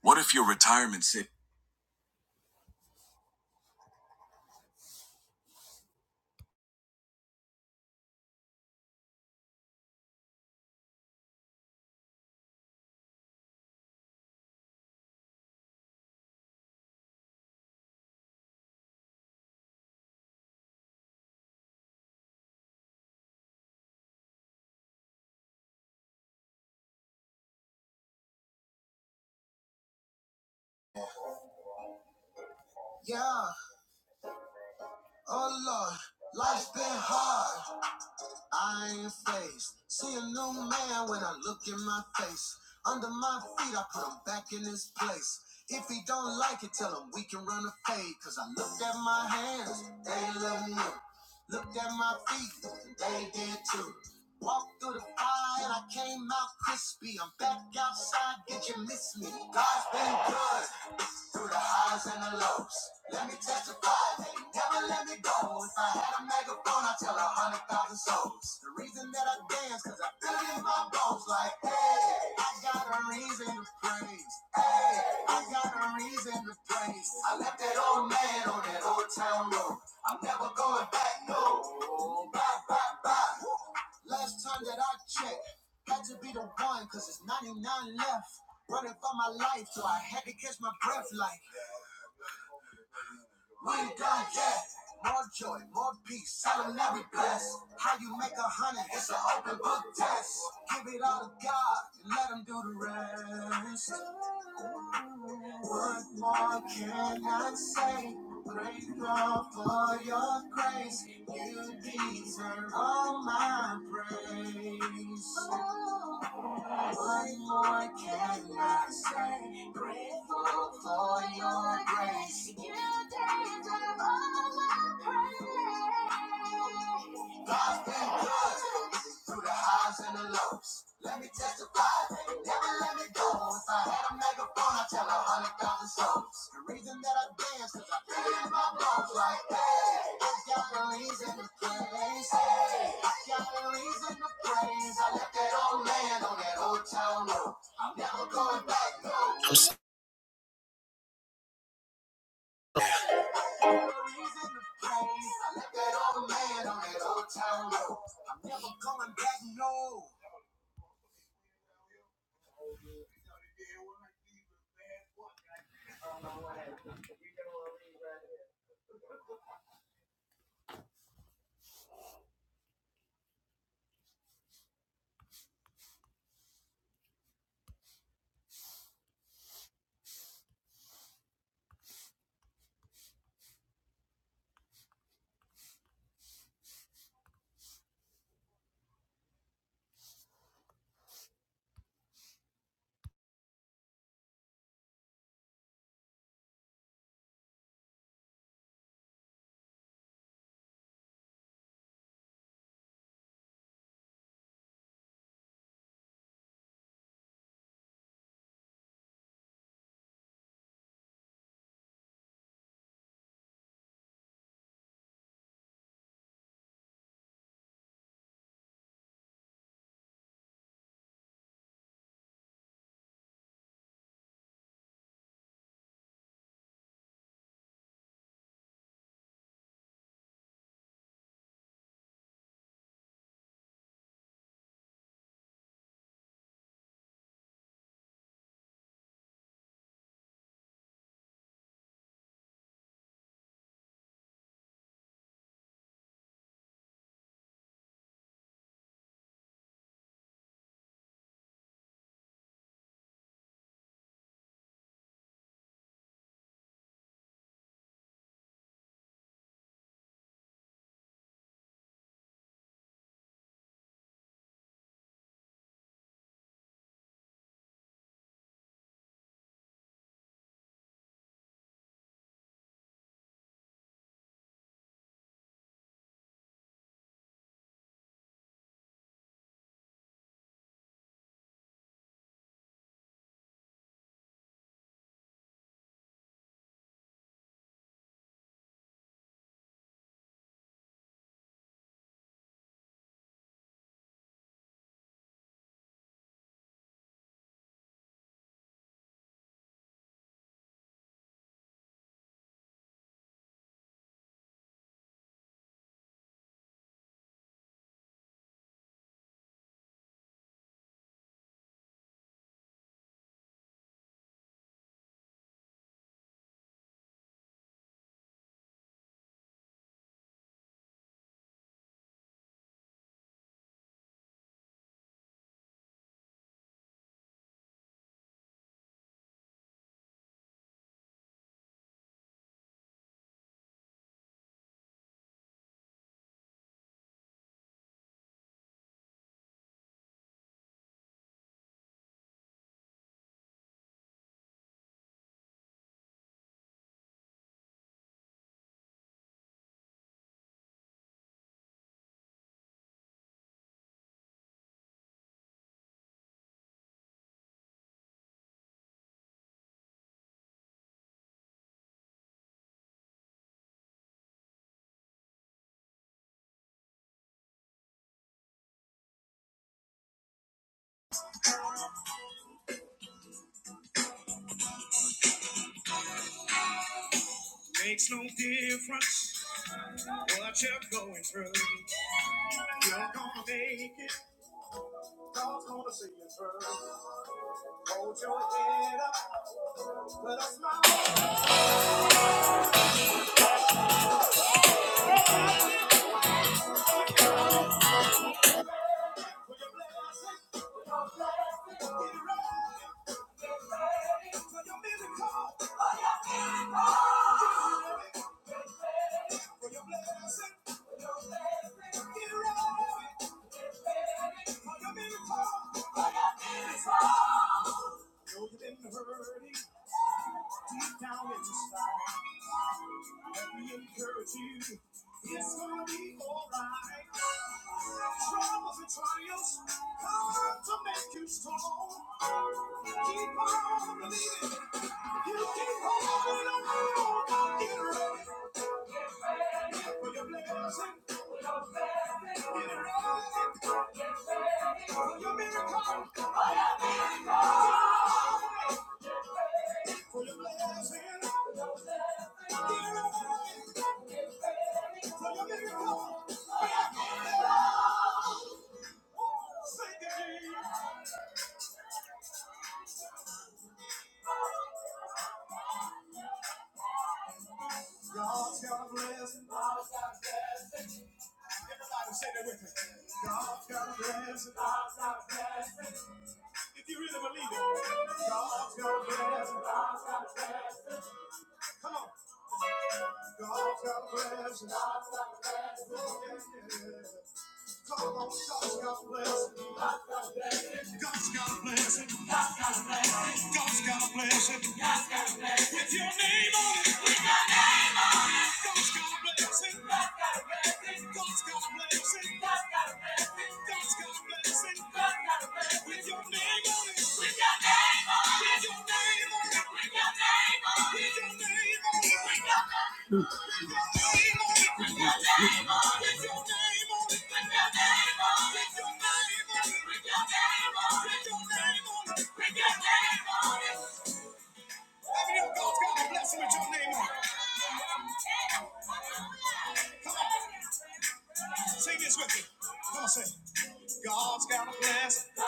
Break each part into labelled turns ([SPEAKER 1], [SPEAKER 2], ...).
[SPEAKER 1] What if your retirement savings?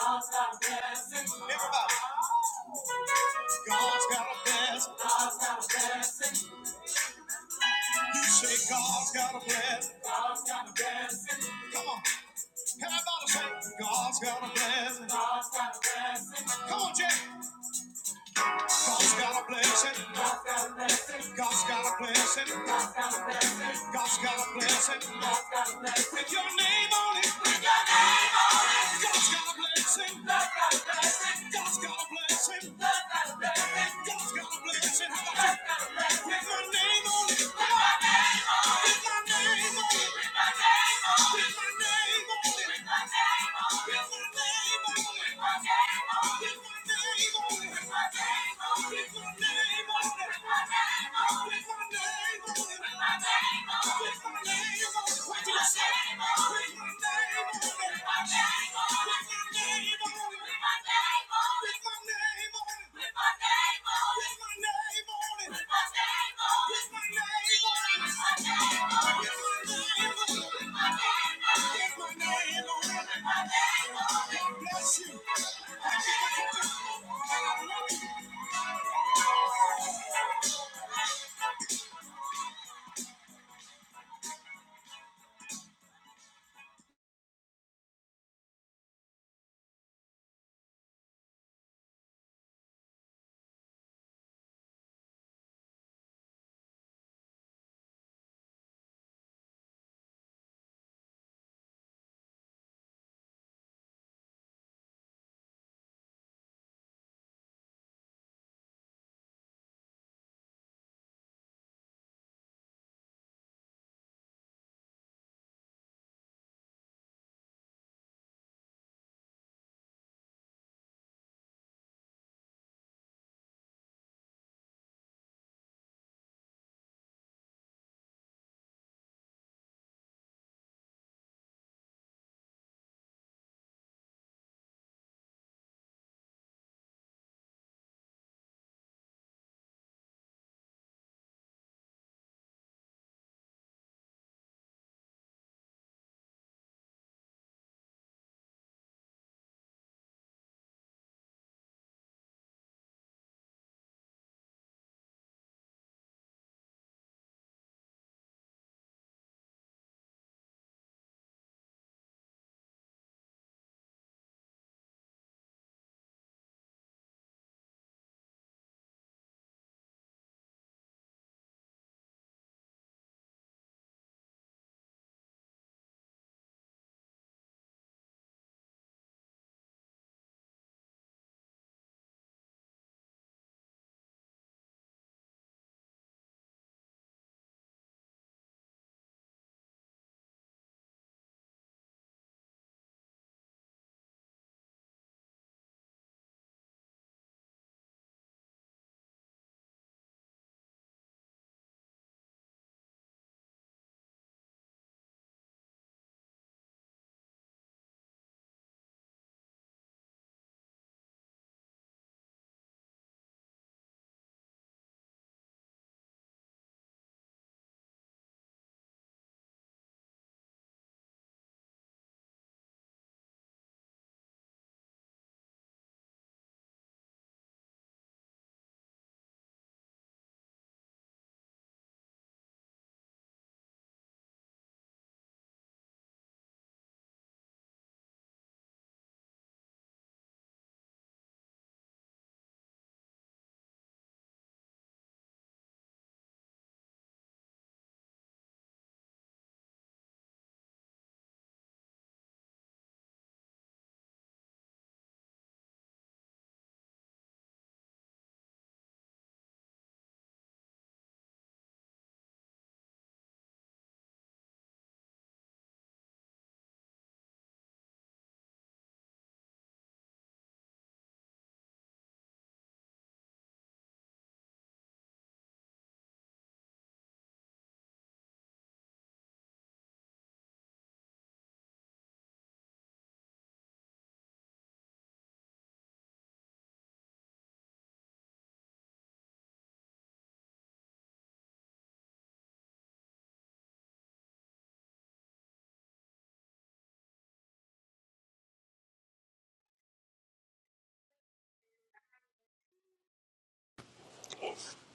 [SPEAKER 1] God God God God got got got got a blessing, God's got a blessing, God's got a blessing, God's got a blessing. In your name, God's got a blessing. God's got a blessing. got a blessing. With With With With my my my my name name name on. on. on. name on. With my name Thank you.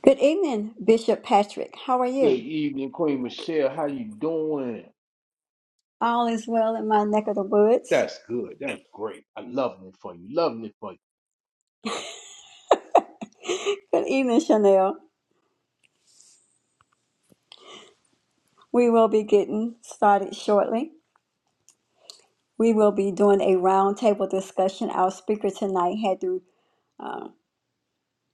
[SPEAKER 1] Good evening, Bishop Patrick. How are
[SPEAKER 2] Good
[SPEAKER 1] you?
[SPEAKER 2] evening, Queen Michelle. How you doing?
[SPEAKER 1] All is well in my neck of the woods.
[SPEAKER 2] That's good. That's great. I loving it for you. Loving it for you.
[SPEAKER 1] Good evening, Chanel. We will be getting started shortly. We will be doing a roundtable discussion. Our speaker tonight had to,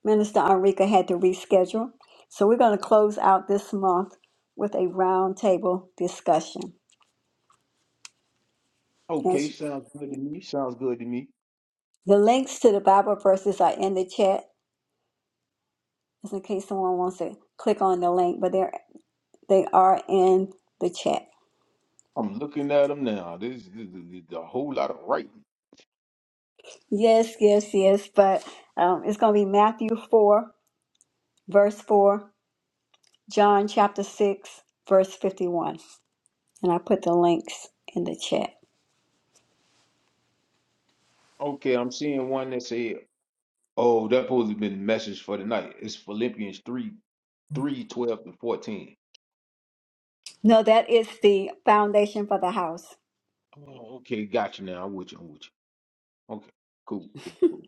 [SPEAKER 1] Minister Enrica had to reschedule. So we're going to close out this month with a roundtable discussion. And
[SPEAKER 2] Okay,
[SPEAKER 1] sh-
[SPEAKER 2] sounds good to me. Sounds good to me.
[SPEAKER 1] the links to the Bible verses are in the chat, just in case someone wants to click on the link, but they're, they are in the chat.
[SPEAKER 2] I'm looking at them now. This this- this- is a whole lot of writing.
[SPEAKER 1] Yes, yes, yes, but um, it's going to be Matthew 4, verse 4, John chapter 6, verse 51. And I put the links in the chat.
[SPEAKER 2] Okay, I'm seeing one that said, "Oh, that supposed to be the message for tonight." It's Philippians three, three, twelve, and fourteen.
[SPEAKER 1] No, that is the foundation for the house.
[SPEAKER 2] Oh, okay, gotcha. Now I'm with you. I'm with you. Okay, cool, cool, cool.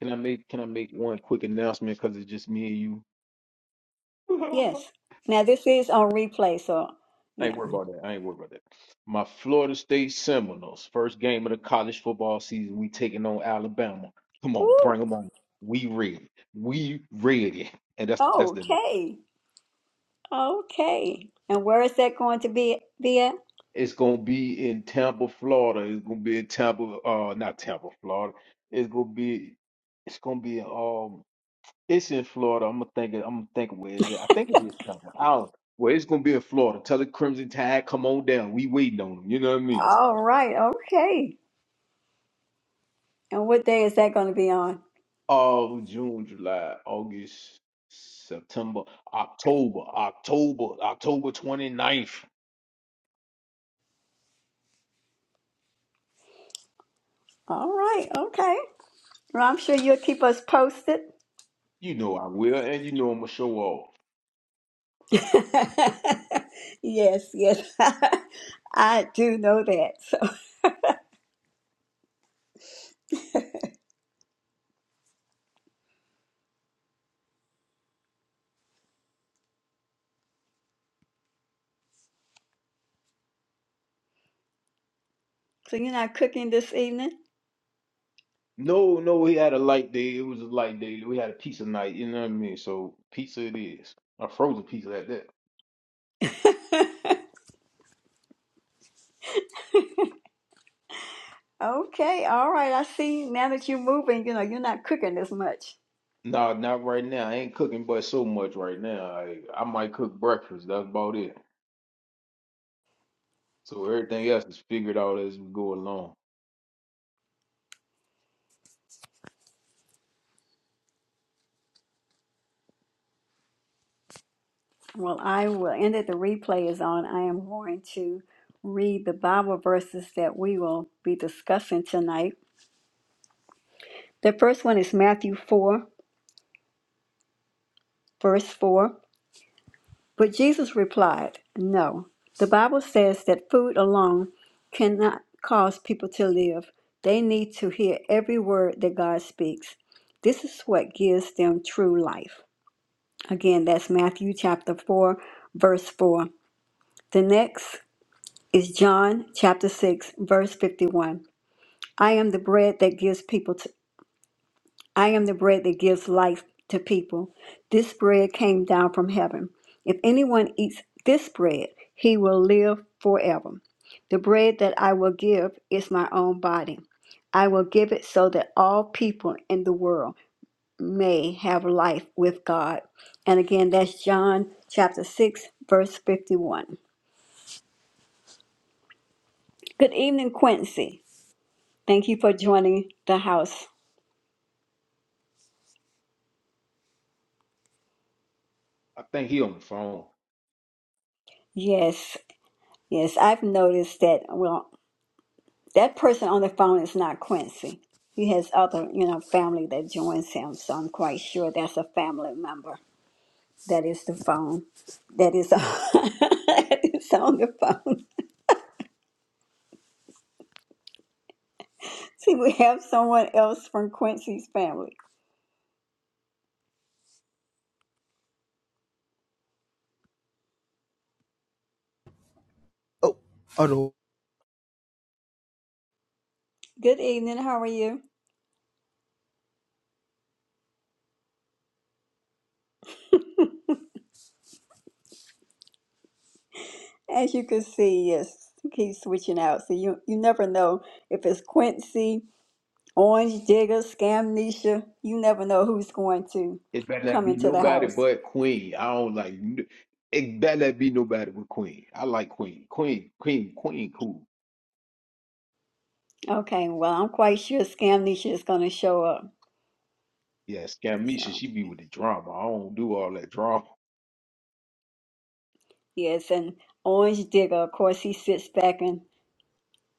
[SPEAKER 2] Can I make Can I make one quick announcement? Because it's just me and you.
[SPEAKER 1] Yes. Now this is on replay, so
[SPEAKER 2] I
[SPEAKER 1] yeah.
[SPEAKER 2] ain't worried about that. I ain't worried about that. My Florida State Seminoles, first game of the college football season, we taking on Alabama. Come on,
[SPEAKER 1] Woo!
[SPEAKER 2] bring 'em on. We ready. We ready. And that's that's the name.
[SPEAKER 1] Okay. Okay. And where is that going to be be at?
[SPEAKER 2] It's gonna be in Tampa, Florida. It's gonna be in Tampa, uh, not Tampa, Florida. It's gonna be. It's gonna be um. It's in Florida. I'm gonna think. it- I'm gonna think where is it? I think it is Tampa. I don't. Well, it's gonna be in Florida. Tell the Crimson Tide, come on down. We waiting on them. You know what I mean?
[SPEAKER 1] All right, okay. And what day is that going to be on?
[SPEAKER 2] Oh, June, July, August, September, October, October, October 29th.
[SPEAKER 1] All right, okay. Well, I'm sure you'll keep us posted.
[SPEAKER 2] You know I will, and you know I'm gonna show off.
[SPEAKER 1] yes, yes. I do know that. So, so you're not cooking this evening?
[SPEAKER 2] No, no, we had a light day. It was a light day. We had a pizza night. You know what I mean? So pizza it is. A frozen pizza at that.
[SPEAKER 1] Okay, all right. I see now that you're moving, you know, you're not cooking as much.
[SPEAKER 2] No, not right now. I ain't cooking but so much right now. I I might cook breakfast. That's about it. So everything else is figured out as we go along.
[SPEAKER 1] Well, I will end it. The replay is on. I am going to read the Bible verses that we will be discussing tonight. The first one is Matthew 4, verse 4. But Jesus replied, No. The Bible says that food alone cannot cause people to live. They need to hear every word that God speaks. This is what gives them true life. Again, that's Matthew chapter 4, verse 4. The next is John chapter 6, verse 51. I am the bread that gives people to, I am the bread that gives life to people. This bread came down from heaven. If anyone eats this bread, he will live forever. The bread that I will give is my own body. I will give it so that all people in the world may have life with God. And again, that's John chapter 6, verse 51. Good evening, Quincy. Thank you for joining the house.
[SPEAKER 2] I think he on the phone.
[SPEAKER 1] Yes, yes, I've noticed that. Well, that person on the phone is not Quincy. He has other, you know, family that joins him. So I'm quite sure that's a family member. That is the phone. That is, that is on the phone. See, we have someone else from Quincy's family.
[SPEAKER 3] Oh, oh no.
[SPEAKER 1] Good evening. How are you? As you can see, yes, keep switching out. So you you never know if it's Quincy, Orange Digger, Scamnesia. You never know who's going to
[SPEAKER 2] It better not
[SPEAKER 1] come
[SPEAKER 2] be
[SPEAKER 1] into the
[SPEAKER 2] nobody
[SPEAKER 1] house.
[SPEAKER 2] but Queen. I don't like. n- It better not be nobody but Queen. I like Queen. Queen, Queen, Queen, cool.
[SPEAKER 1] Okay, well, I'm quite sure Scamnesia is going to show up.
[SPEAKER 2] Yeah, Scamisha,
[SPEAKER 1] So
[SPEAKER 2] she be with the drama. I don't do all that drama.
[SPEAKER 1] yes, and Orange Digger, of course, he sits back and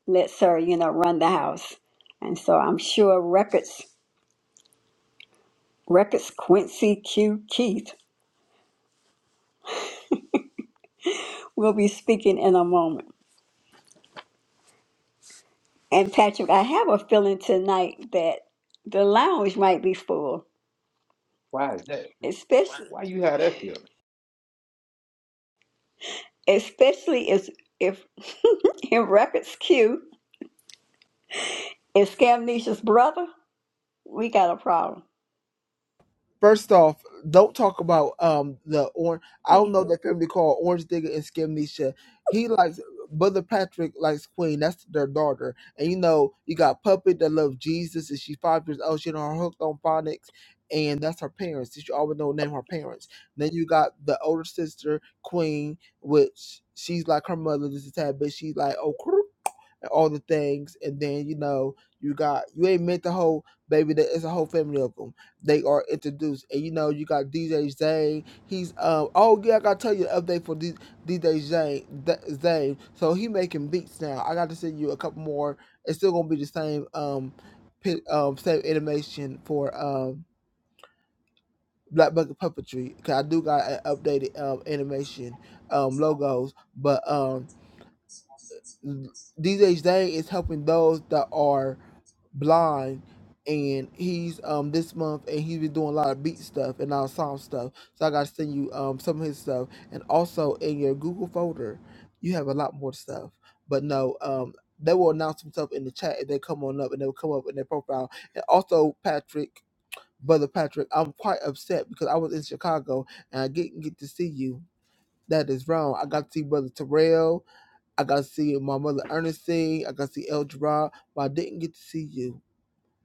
[SPEAKER 1] lets her, you know, run the house. And so I'm sure records records Quincy Q Keith will be speaking in a moment. And Patrick, I have a feeling tonight that the lounge might be full,
[SPEAKER 2] Why is that?
[SPEAKER 1] especially
[SPEAKER 2] Why you have that feeling?
[SPEAKER 1] especially if if in records Q is Scamnesia's brother. We got a problem.
[SPEAKER 3] First off, don't talk about um the orange. I don't
[SPEAKER 1] See?
[SPEAKER 3] know that family called Orange Digger and Skimnesha. He likes Brother Patrick likes Queen. That's their daughter. And you know you got Puppet that loves Jesus, and she's five years old. She on her hooked on phonics, and that's her parents. You should always know name her parents. Then you got the older sister Queen, which she's like her mother. This is that, but she's like oh. crook, And all the things, and then you know you got you ain't meant the whole baby. That it's a whole family of them. they are introduced. And you know, you got DJ Zane. He's um oh yeah, I gotta tell you the update for D- DJ Zane. Th- Zane. So he making beats now. I got to send you a couple more. It's still gonna be the same um, pi- um same animation for um Black Bucket Puppetry. Cause I do got an updated um animation um logos, but um DJ Zane is helping those that are blind and he's um this month and he's been doing a lot of beat stuff and our song stuff so i gotta send you um some of his stuff and also in your google folder you have a lot more stuff but no um they will announce themselves in the chat if they come on up and they will come up in their profile and also patrick brother patrick i'm quite upset because i was in chicago and i didn't get to see you that is wrong i got to see brother terrell i got to see my mother ernestine i got to see el Gerard, but i didn't get to see you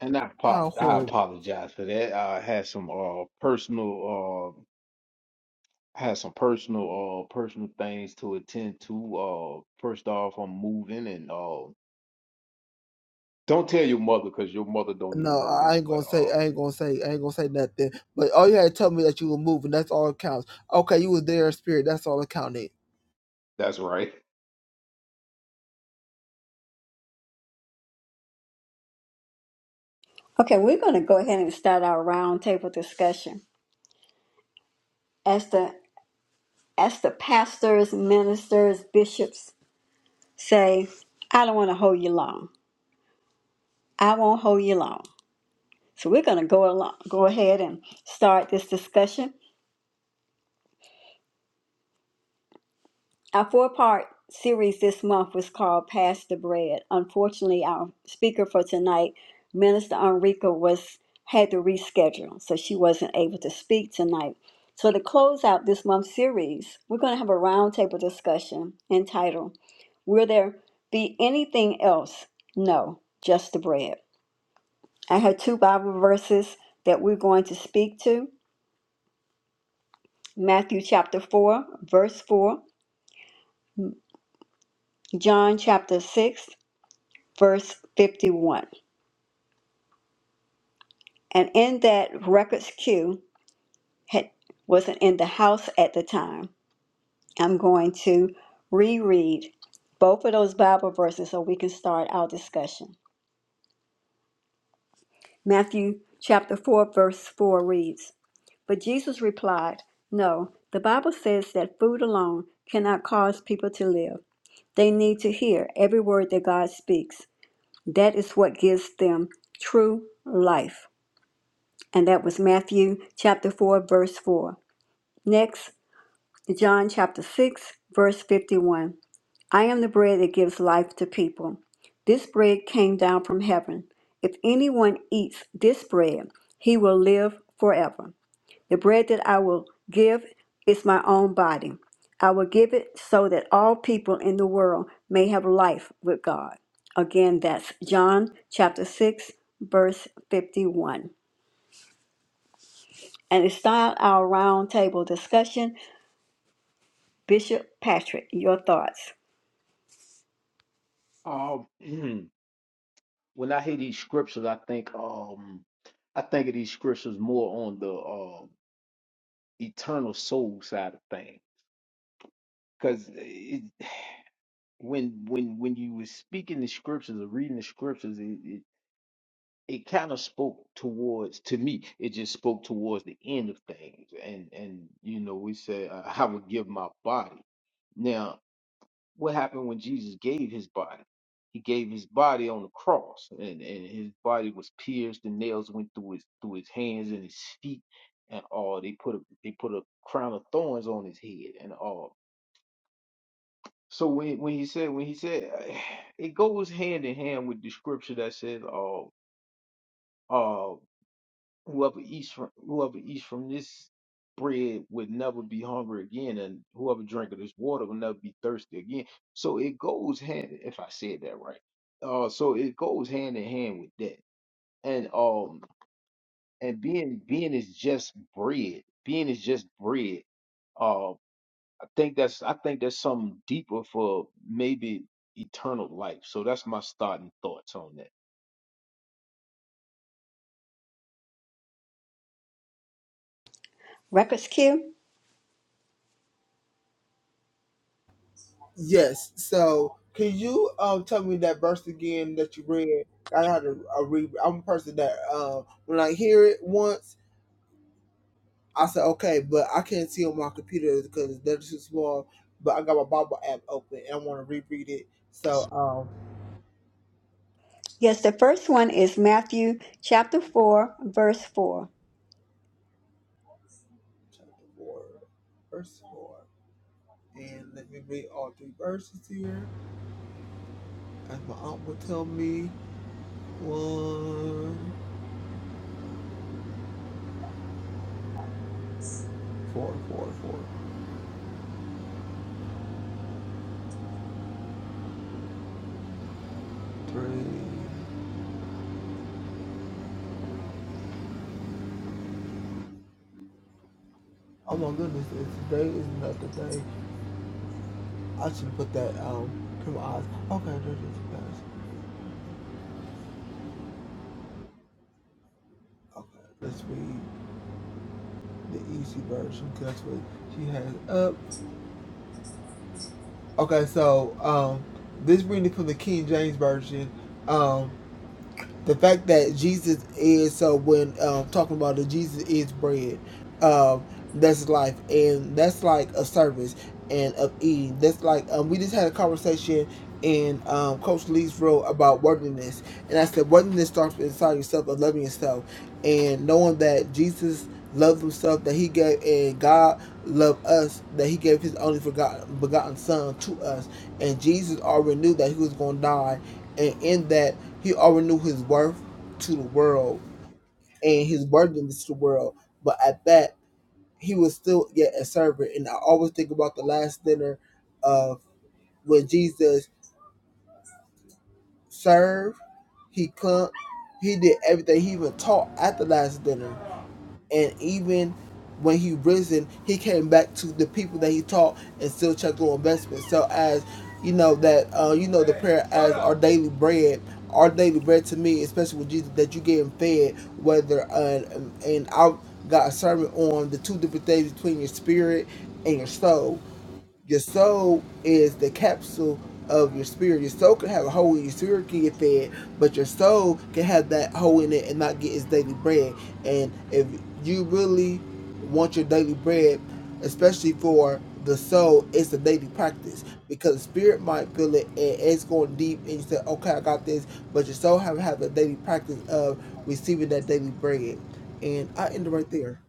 [SPEAKER 2] And I,
[SPEAKER 3] how
[SPEAKER 2] apo- I
[SPEAKER 3] horrible.
[SPEAKER 2] apologize for that. I had some uh personal uh I had some personal uh personal things to attend to. Uh, first off, I'm moving, and uh, don't tell your mother because your mother don't even
[SPEAKER 3] No,
[SPEAKER 2] know
[SPEAKER 3] I
[SPEAKER 2] this.
[SPEAKER 3] ain't
[SPEAKER 2] But
[SPEAKER 3] gonna say
[SPEAKER 2] uh,
[SPEAKER 3] I ain't gonna say I ain't gonna say nothing. But all you had to tell me that you were moving, that's all it counts. Okay, you were there in spirit, that's all it counted.
[SPEAKER 2] that's right.
[SPEAKER 1] Okay, we're going to go ahead and start our roundtable discussion. As the as the pastors, ministers, bishops say, I don't want to hold you long. I won't hold you long. So we're going to go along, go ahead and start this discussion. Our four part series this month was called Pass the Bread. Unfortunately, our speaker for tonight, Minister Enrica, was had to reschedule, so she wasn't able to speak tonight. So to close out this month's series, we're going to have a roundtable discussion entitled Will There Be Anything Else? No, just the bread. I have two Bible verses that we're going to speak to Matthew chapter 4, verse 4, John chapter 6, verse 51. And in that records queue had, wasn't in the house at the time. I'm going to reread both of those Bible verses so we can start our discussion. Matthew chapter 4, verse 4 reads But Jesus replied, No, the Bible says that food alone cannot cause people to live. They need to hear every word that God speaks. That is what gives them true life. and that was Matthew chapter 4, verse 4. Next, John chapter 6, verse 51. I am the bread that gives life to people. This bread came down from heaven. If anyone eats this bread, he will live forever. The bread that I will give is my own body. I will give it so that all people in the world may have life with God. Again, that's John chapter 6, verse 51. And it start our roundtable discussion. Bishop Patrick, your thoughts.
[SPEAKER 2] Um, when I hear these scriptures, I think um I think of these scriptures more on the uh, eternal soul side of things. Because it, when when when you were speaking the scriptures or reading the scriptures, it, it, it kind of spoke towards to me. It just spoke towards the end of things, and and you know we said uh, I would give my body. Now what happened when Jesus gave his body. He gave his body on the cross, and, and his body was pierced. The nails went through his through his hands and his feet, and all. They put a they put a crown of thorns on his head, and all. So when when he said when he said, it goes hand in hand with the scripture that says, "Oh." whoever eats from whoever eats from this bread would never be hungry again, and whoever drank of this water will never be thirsty again. So it goes hand if I said that right. Uh, so it goes hand in hand with that, and um, and being being is just bread. Being is just bread. Uh, I think that's I think that's something deeper for maybe eternal life. So that's my starting thoughts on that.
[SPEAKER 1] Records Q?
[SPEAKER 3] Yes. So can you um tell me that verse again that you read? I had a, a read I'm a person that um when I hear it once, I say okay, but I can't see on my computer because that's too small. But I got my Bible app open and I wanna reread it. So um
[SPEAKER 1] Yes, the first one is Matthew chapter 4, verse 4.
[SPEAKER 3] chapter four, verse four. And let me read all three verses here. As my aunt would tell me, one, four, four, four, three. Oh my goodness, today is not the day. I should put that um to my eyes. Okay, there's this is best. Okay, let's read the easy version because that's what she has up. Okay, so um, this reading from the King James version. Um, the fact that Jesus is so when um, talking about the Jesus is bread, um, that's life, and that's like a service and of eating. That's like um, we just had a conversation in um, Coach Lee's role about worthiness, and I said worthiness starts inside yourself of loving yourself and knowing that Jesus loved himself, that He gave and God loved us, that He gave His only forgotten begotten Son to us, and Jesus already knew that He was going to die, and in that. He already knew his worth to the world and his worthiness to the world. But at that, he was still yet a servant. And I always think about the last dinner of when Jesus served, he come, he did everything. He even taught at the last dinner. and even when he risen, he came back to the people that he taught and still checked on investment. So as you know that uh, you know the prayer as our daily bread. Our daily bread to me, especially with Jesus, that you getting fed, whether uh, and I got a sermon on the two different things between your spirit and your soul your soul is the capsule of your spirit. Your soul can have a hole in your spirit can get fed, but your soul can have that hole in it and not get its daily bread. And if you really want your daily bread, especially for the soul, it's a daily practice because the spirit might feel it and it's going deep, and you say, "Okay, I got this," but your soul have have a daily practice of receiving that daily bread. And I end it right there.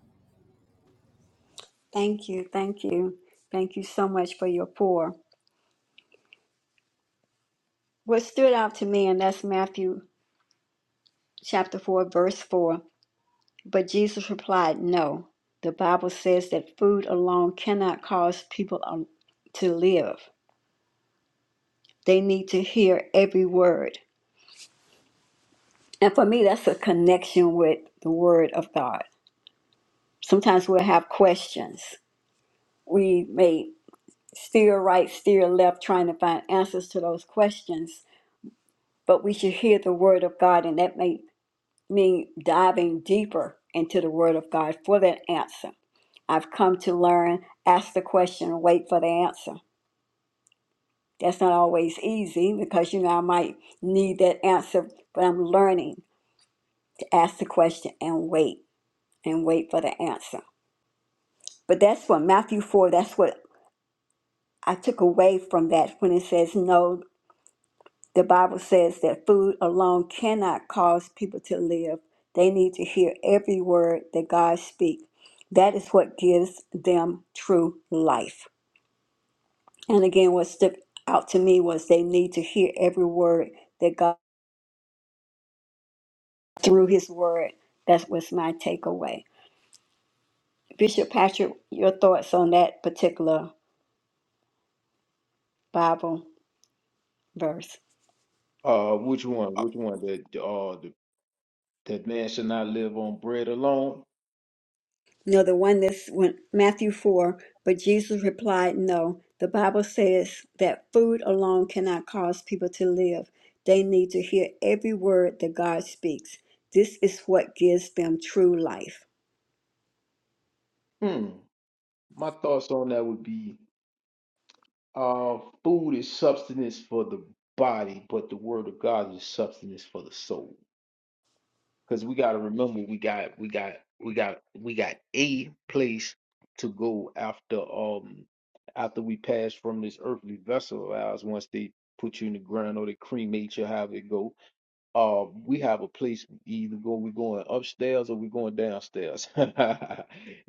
[SPEAKER 1] Thank you, thank you, thank you so much for your pour. What stood out to me, and that's Matthew chapter 4, verse 4. But Jesus replied, No. The Bible says that food alone cannot cause people um, to live. They need to hear every word. And for me, that's a connection with the Word of God. Sometimes we'll have questions. We may steer right, steer left, trying to find answers to those questions, but we should hear the Word of God, and that may mean diving deeper into the Word of God for that answer. I've come to learn, ask the question, and wait for the answer. That's not always easy because, you know, I might need that answer, but I'm learning to ask the question and wait and wait for the answer. But that's what Matthew 4, that's what I took away from that when it says, no, the Bible says that food alone cannot cause people to live. They need to hear every word that God speaks. That is what gives them true life. And again, what stuck out to me was they need to hear every word that God through his word. That was my takeaway. Bishop Patrick, your thoughts on that particular Bible verse?
[SPEAKER 2] Uh, which one? Which one? The uh, the that man should not live on bread alone.
[SPEAKER 1] No, the one that's went Matthew 4, but Jesus replied, No. The Bible says that food alone cannot cause people to live. They need to hear every word that God speaks. This is what gives them true life.
[SPEAKER 2] Hmm. My thoughts on that would be uh, food is substance for the body, but the word of God is substance for the soul. Because we gotta remember we got we got we got we got a place to go after um after we pass from this earthly vessel of ours once they put you in the ground or they cremate you however it go um, we have a place We either go we're going upstairs or we're going downstairs.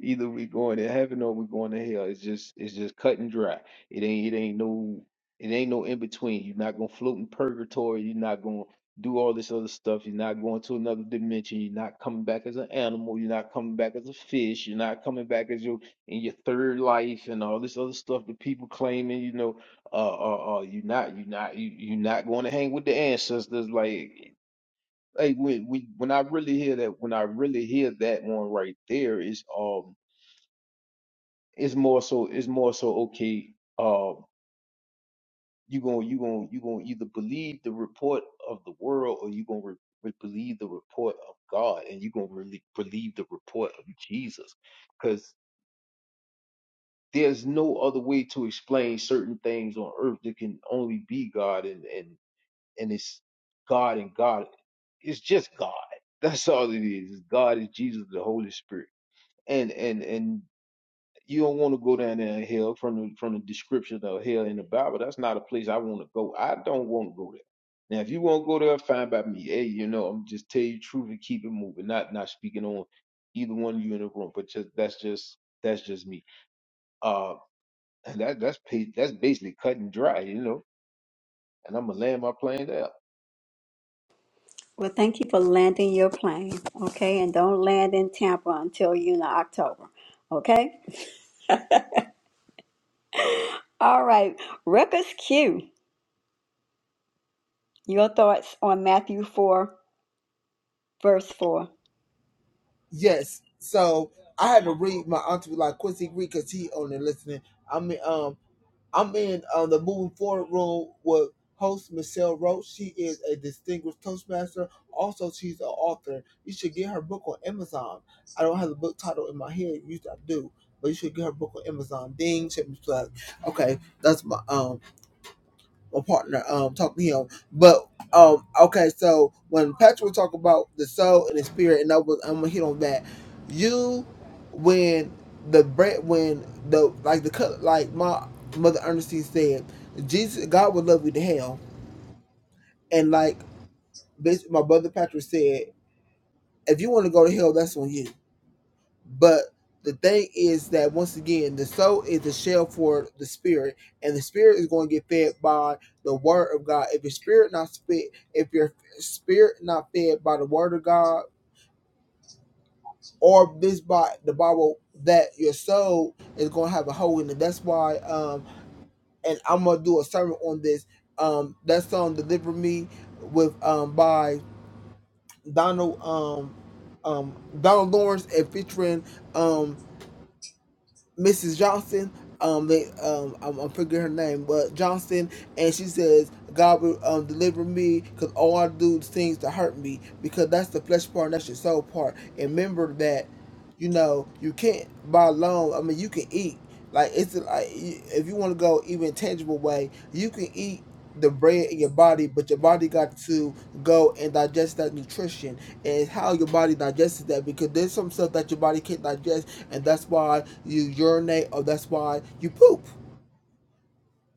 [SPEAKER 2] Either we're going to heaven or we're going to hell. It's just it's just cut and dry. It ain't it ain't no it ain't no in between. You're not gonna float in purgatory, you're not gonna do all this other stuff, you're not going to another dimension, you're not coming back as an animal, you're not coming back as a fish, you're not coming back as your in your third life and all this other stuff that people claiming, you know, uh, uh, uh, you're not, you're not, you, you're not going to hang with the ancestors. Like Hey, when we when I really hear that, when I really hear that one right there, is um, it's more so, it's more so okay. Uh, you gonna you gonna you gonna either believe the report of the world or you gonna re- re- believe the report of God, and you gonna really believe the report of Jesus, because there's no other way to explain certain things on earth that can only be God, and and and it's God and God. It's just God. That's all it is. It's God is Jesus, the Holy Spirit and and and you don't want to go down there in hell from the from the description of hell in the Bible. That's not a place I want to go. I don't want to go there. Now, if you want to go there, fine by me. Hey, you know, I'm just tell you the truth and keep it moving. Not not speaking on either one of you in the room, but just that's just that's just me. Uh, and that that's pa- that's basically cut and dry, you know. And I'm gonna land my plane there.
[SPEAKER 1] Well, thank you for landing your plane, okay? And don't land in Tampa until you know October, okay? All right, Ruckus Q, your thoughts on Matthew 4, verse 4.
[SPEAKER 3] Yes. So I had to read my auntie like Quincy Reed because he on there listening. I'm in, um I'm in um, the moving forward room with host Michelle Roach. She is a distinguished toastmaster. Also, she's an author. You should get her book on Amazon. I don't have the book title in my head. You I do, but you should get her book on Amazon. Ding, check me plug. Okay, that's my um my partner um talked to him. But um okay, so when Patrick talked about the soul and the spirit, and I was I'm gonna hit on that. You when the bread when the like the cut like my mother Ernestine said, Jesus God would love you to hell. And like basically my brother Patrick said, if you want to go to hell, that's on you. But the thing is that once again, the soul is the shell for the spirit, and the spirit is going to get fed by the word of God. If your spirit not fed, if your spirit not fed by the word of God or this by the Bible, that your soul is going to have a hole in it. That's why, um, and I'm gonna do a sermon on this. Um, that song "Deliver Me" with um by Donald um um Donald Lawrence and featuring um Mrs. Johnson. Um, they, um, I'm, I'm forgetting her name, but Johnson, and she says, "God will um, deliver me, because all I do is things to hurt me, because that's the flesh part, and that's your soul part. And remember that, you know, you can't buy loan. I mean, you can eat. Like it's like you- if you want to go even tangible way, you can eat the bread in your body, but your body got to go and digest that nutrition and it's how your body digests that because there's some stuff that your body can't digest and that's why you urinate or that's why you poop.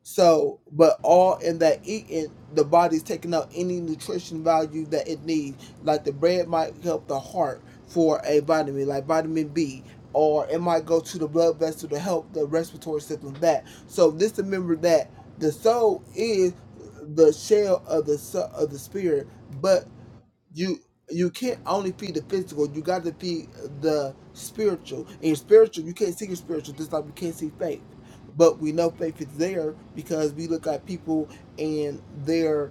[SPEAKER 3] So, but all in that eating, the body's taking up any nutrition value that it needs. Like the bread might help the heart for a vitamin, like vitamin B, or it might go to the blood vessel to help the respiratory system back. So just remember that the soul is the shell of the so- of the spirit, but you you can't only feed the physical. You got to feed the spiritual. And your spiritual, you can't see your spiritual just like you can't see faith. But we know faith is there because we look at people and their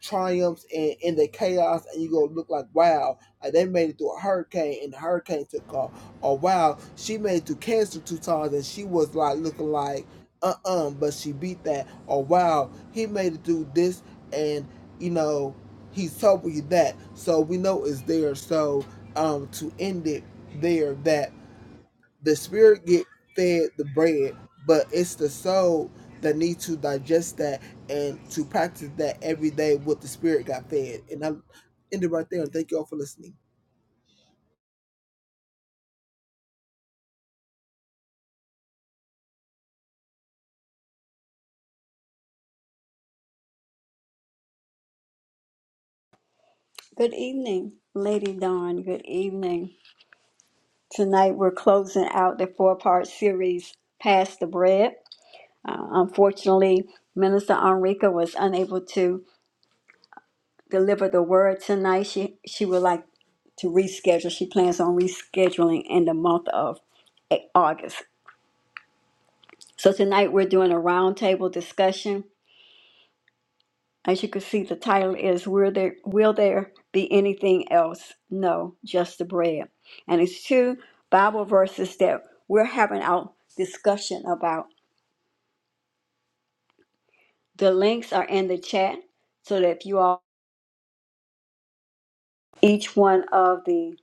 [SPEAKER 3] triumphs in, in the chaos and you gonna look like wow uh, they made it through a hurricane and the hurricane took off or wow she made it through cancer two times and she was like looking like uh-uh but she beat that or wow he made it through this and you know he told you that so we know it's there so um to end it there that the spirit get fed the bread, but it's the soul that needs to digest that and to practice that every day what the spirit got fed. And I end it right there. And thank you all for listening.
[SPEAKER 1] Good evening, Lady Dawn. Good evening. Tonight, we're closing out the four part series, Pass the Bread. Uh, unfortunately, Minister Enrica was unable to deliver the word tonight. She, she would like to reschedule. She plans on rescheduling in the month of A- August. So, tonight, we're doing a roundtable discussion. As you can see, the title is Will There, Will there Be Anything Else? No, Just the Bread. And it's two Bible verses that we're having our discussion about. The links are in the chat so that if you all, each one of the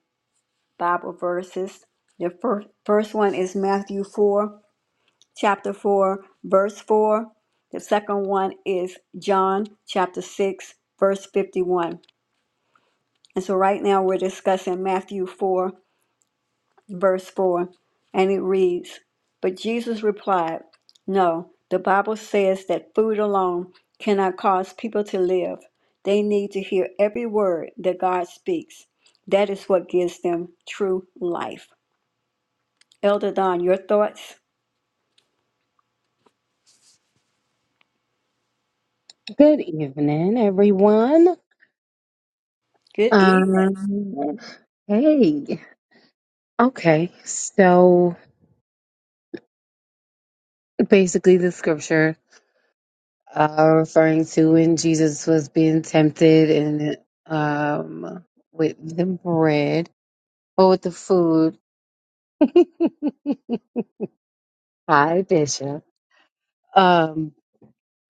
[SPEAKER 1] Bible verses, the first, first one is Matthew 4, chapter 4, verse 4. The second one is John chapter 6, verse 51. And so right now we're discussing Matthew 4 verse 4, and it reads But Jesus replied, 'No. the Bible says that food alone cannot cause people to live. They need to hear every word that God speaks. That is what gives them true life. Elder Don, your thoughts?
[SPEAKER 4] Good evening, everyone.
[SPEAKER 1] Good evening.
[SPEAKER 4] Um, hey. Okay, so basically, the scripture uh, referring to when Jesus was being tempted and um with the bread or with the food. Hi, Bishop. Um,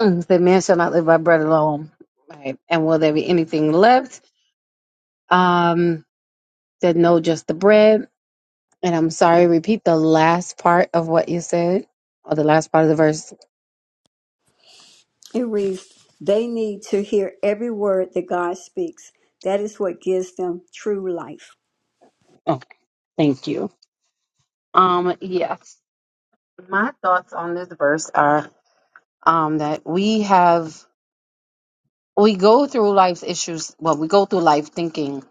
[SPEAKER 4] mm, the man shall not live by bread alone, right? And will there be anything left? Um, said no, just the bread. And I'm sorry, repeat the last part of what you said, or the last part of the verse.
[SPEAKER 1] It reads, They need to hear every word that God speaks. That is what gives them true life.
[SPEAKER 4] Oh, thank you. Um, yes. My thoughts on this verse are um that we have we go through life's issues, well, we go through life thinking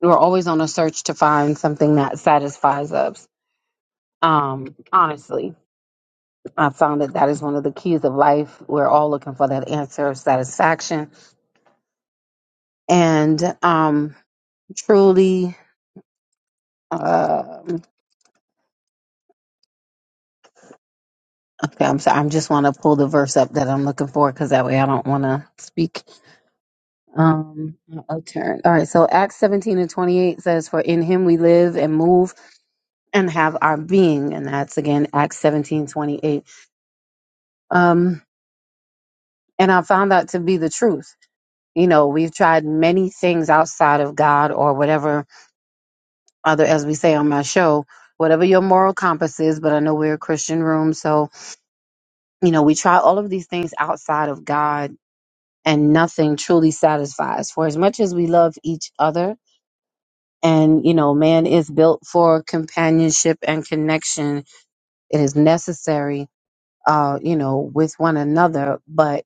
[SPEAKER 4] we're always on a search to find something that satisfies us. Um, honestly, I found that that is one of the keys of life. We're all looking for that answer of satisfaction. And um truly uh, Okay, I'm sorry. I'm just want to pull the verse up that I'm looking for because that way I don't want to speak. Um, a turn. All right. So Acts 17 and 28 says, "For in Him we live and move and have our being," and that's again Acts 17 28. Um, and I found that to be the truth. You know, we've tried many things outside of God or whatever other, as we say on my show, whatever your moral compass is. But I know we're a Christian room, so you know we try all of these things outside of God and nothing truly satisfies. For as much as we love each other, and you know, man is built for companionship and connection, it is necessary, uh, you know, with one another, but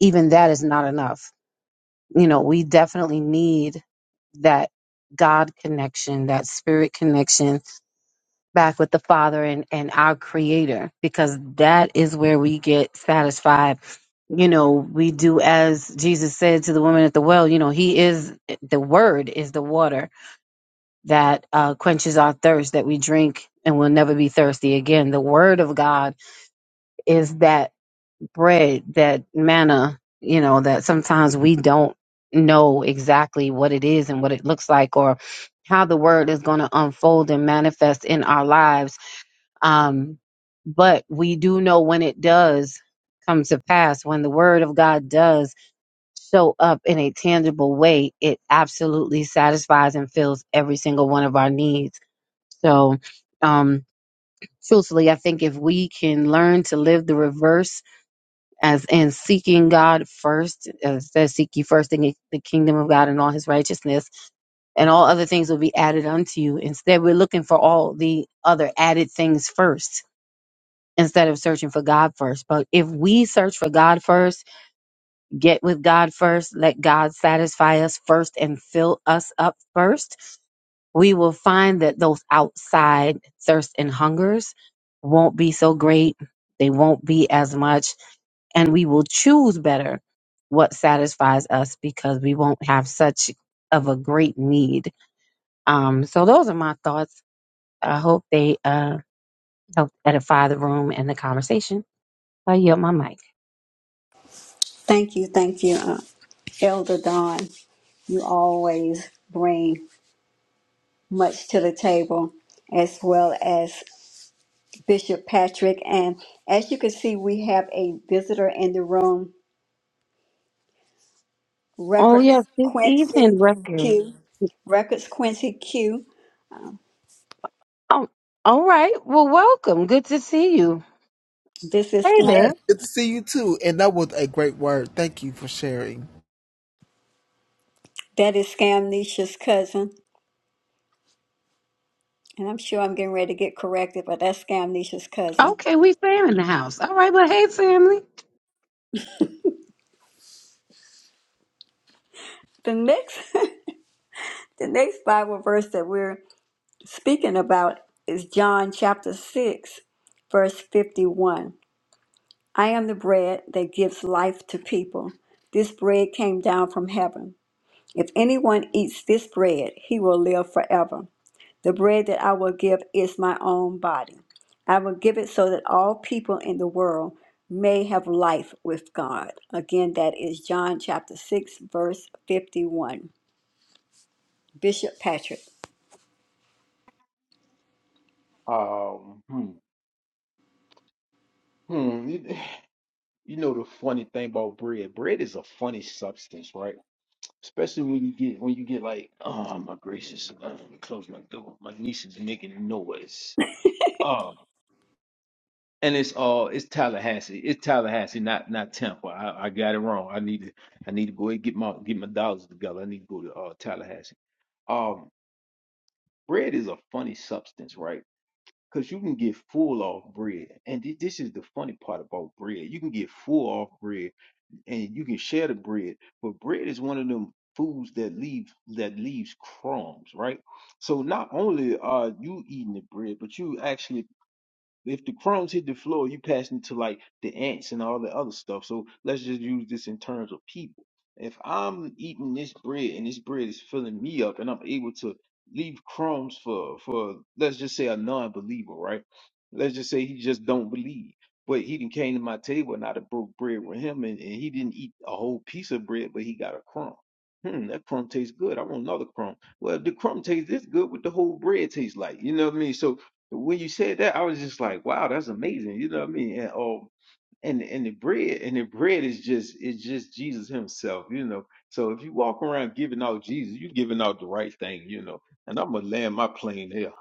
[SPEAKER 4] even that is not enough. You know, we definitely need that God connection, that spirit connection back with the Father and, and our Creator, because that is where we get satisfied. You know, we do as Jesus said to the woman at the well, you know, He is the Word, is the water that uh, quenches our thirst that we drink and will never be thirsty again. The Word of God is that bread, that manna, you know, that sometimes we don't know exactly what it is and what it looks like or how the word is going to unfold and manifest in our lives. Um, but we do know when it does come to pass, when the word of God does show up in a tangible way, it absolutely satisfies and fills every single one of our needs. So, um, truthfully, I think if we can learn to live the reverse as in seeking God first, as says, seek ye first the, the kingdom of God and all his righteousness, and all other things will be added unto you. Instead, we're looking for all the other added things first instead of searching for God first. But if we search for God first, get with God first, let God satisfy us first and fill us up first, we will find that those outside thirsts and hungers won't be so great. They won't be as much. And we will choose better what satisfies us because we won't have such of a great need. Um, so those are my thoughts. I hope they uh, help edify the room and the conversation. I yield my mic.
[SPEAKER 1] Thank you, thank you, uh, Elder Don. You always bring much to the table, as well as Bishop Patrick. And as you can see, we have a visitor in the room,
[SPEAKER 4] Oh,
[SPEAKER 1] Records
[SPEAKER 4] yes. Good
[SPEAKER 1] Quincy
[SPEAKER 4] evening, record.
[SPEAKER 1] Q. Records Quincy Q.
[SPEAKER 4] Oh, all right. Well, welcome. Good to see you.
[SPEAKER 1] This is
[SPEAKER 4] Hey
[SPEAKER 1] Scam-
[SPEAKER 3] Yes,
[SPEAKER 4] there.
[SPEAKER 3] good to see you too. And that was a great word. Thank you for sharing.
[SPEAKER 1] that is Scamnicia's cousin, and I'm sure I'm getting ready to get corrected, but that's Scamnicia's cousin.
[SPEAKER 4] Okay, we Sam in the house. All right. Well, hey, family.
[SPEAKER 1] The next, the next Bible verse that we're speaking about is John chapter six, verse fifty-one. I am the bread that gives life to people. This bread came down from heaven. If anyone eats this bread, he will live forever. The bread that I will give is my own body. I will give it so that all people in the world may have life with God. Again, that is John chapter 6, verse 51. Bishop Patrick.
[SPEAKER 2] Um, hmm, hmm, you you know the funny thing about bread. Bread is a funny substance, right? Especially when you get when you get like, oh my gracious, uh, close my door. My niece is making a noise. Oh, and it's all it's Tallahassee. It's Tallahassee, not not Tampa. I, I got it wrong. I need to I need to go and get my get my dollars together. I need to go to uh, Tallahassee. Um, bread is a funny substance, right? Because you can get full off bread, and thi- this is the funny part about bread. You can get full off bread, and you can share the bread, but bread is one of them foods that leave that leaves crumbs, right? So not only are you eating the bread, but you actually if the crumbs hit the floor, you pass into like the ants and all the other stuff. So let's just use this in terms of people. If I'm eating this bread and this bread is filling me up and I'm able to leave crumbs for for let's just say a non-believer, right? Let's just say he just don't believe. But he didn't came to my table and I done broke bread with him and, and he didn't eat a whole piece of bread, but he got a crumb. Hmm, that crumb tastes good. I want another crumb. Well, if the crumb tastes this good, what the whole bread tastes like? You know what I mean? So when you said that, I was just like, wow, that's amazing. You know what I mean? And um and and the bread and the bread is just it's just Jesus himself, you know. So if you walk around giving out Jesus, you're giving out the right thing, you know. And I'm gonna land my plane here.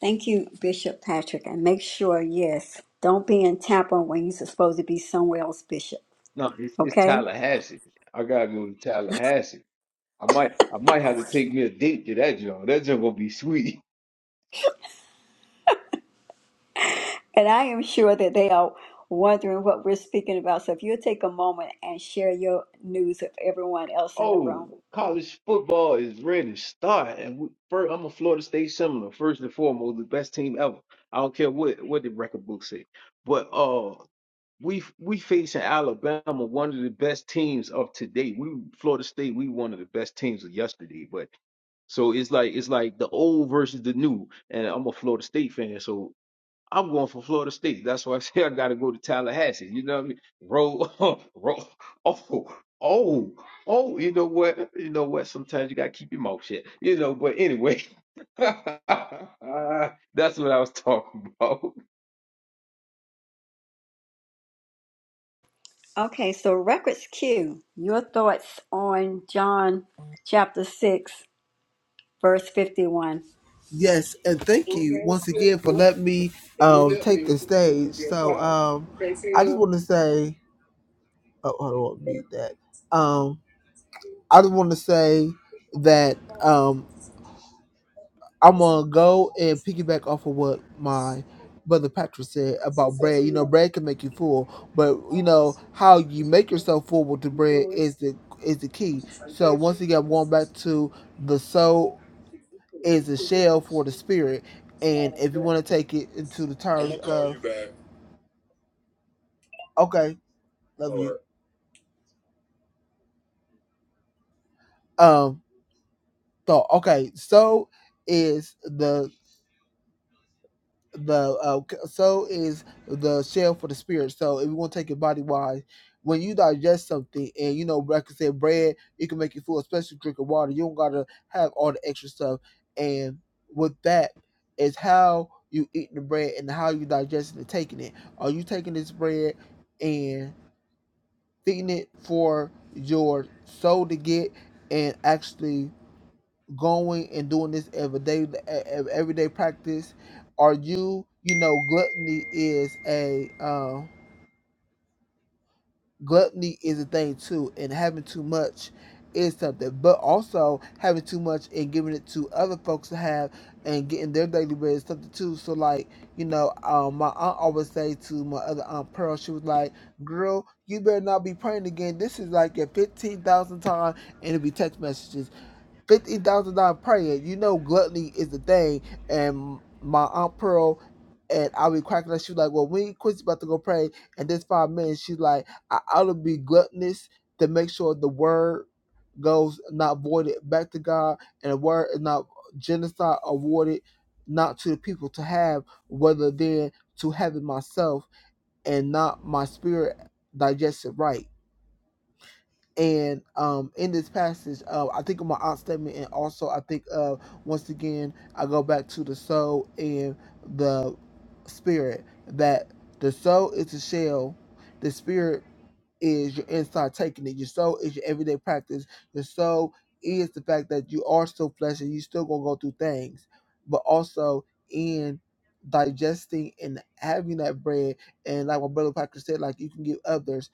[SPEAKER 1] Thank you, Bishop Patrick. And make sure, yes, don't be in Tampa when you're supposed to be somewhere else, Bishop.
[SPEAKER 2] No, it's, it's
[SPEAKER 1] Okay?
[SPEAKER 2] Tallahassee. I gotta go to Tallahassee. I might I might have to take me a date to that joint. That joint gonna be sweet.
[SPEAKER 1] And I am sure that they are wondering what we're speaking about. So if you'll take a moment and share your news with everyone else in the room.
[SPEAKER 2] Oh, college football is ready to start, and we, first, I'm a Florida State Seminole. First and foremost, the best team ever. I don't care what what the record book say, but uh, we we facing Alabama, one of the best teams of today. We Florida State, we one of the best teams of yesterday. But so it's like it's like the old versus the new, and I'm a Florida State fan, so I'm going for Florida State. That's why I say I gotta go to Tallahassee. You know what I mean? Roll, roll. Oh, oh, oh. You know what? You know what? Sometimes you gotta keep your mouth shut. You know. But anyway, that's what I was talking about.
[SPEAKER 1] Okay, so Records Q, your thoughts on John chapter 6, verse 51.
[SPEAKER 3] Yes, and thank you once again for letting me um take the stage. So um I just want to say oh hold on, mute that. Um I just want to say that um, I'm gonna go and piggyback off of what my brother Patrick said about bread. You know, bread can make you full, but you know how you make yourself full with the bread is the is the key. So once again, i going back to the soul is the shell for the spirit, and if you want to take it into the terms of okay, love you. Um, so okay, so is the the uh, c- soul is the shell for the spirit. So if you want to take it body wise, when you digest something and you know, like I said, bread, it can make you full, especially drinking water. You don't gotta have all the extra stuff. And with that is how you eating the bread and how you digesting and taking it. Are you taking this bread and feeding it for your soul to get and actually going and doing this every day, e- e- everyday practice? Are you, you know, gluttony is a uh, gluttony is a thing too, and having too much is something, but also having too much and giving it to other folks to have and getting their daily bread is something too. So like, you know, um, my aunt always say to my other aunt Pearl, she was like, "Girl, you better not be praying again. This is like your fifteen thousand time, and it'll be text messages." fifty thousand dollar prayer. You know, gluttony is the thing. And my aunt Pearl and I be cracking up. She was like, "Well, when Quincy about to go pray, and this five minutes, she's like, I ought to be gluttonous to make sure the word goes not voided back to God, and the word is not genocide awarded not to the people to have, whether then to heaven myself, and not my spirit digested right." And um, in this passage, uh, I think of my aunt's statement, and also I think of once again, I go back to the soul and the spirit. That the soul is the shell, the spirit is your inside taking it. Your soul is your everyday practice. Your soul is the fact that you are still flesh and you still gonna go through things, but also in digesting and having that bread. And like my brother Patrick said, like you can give others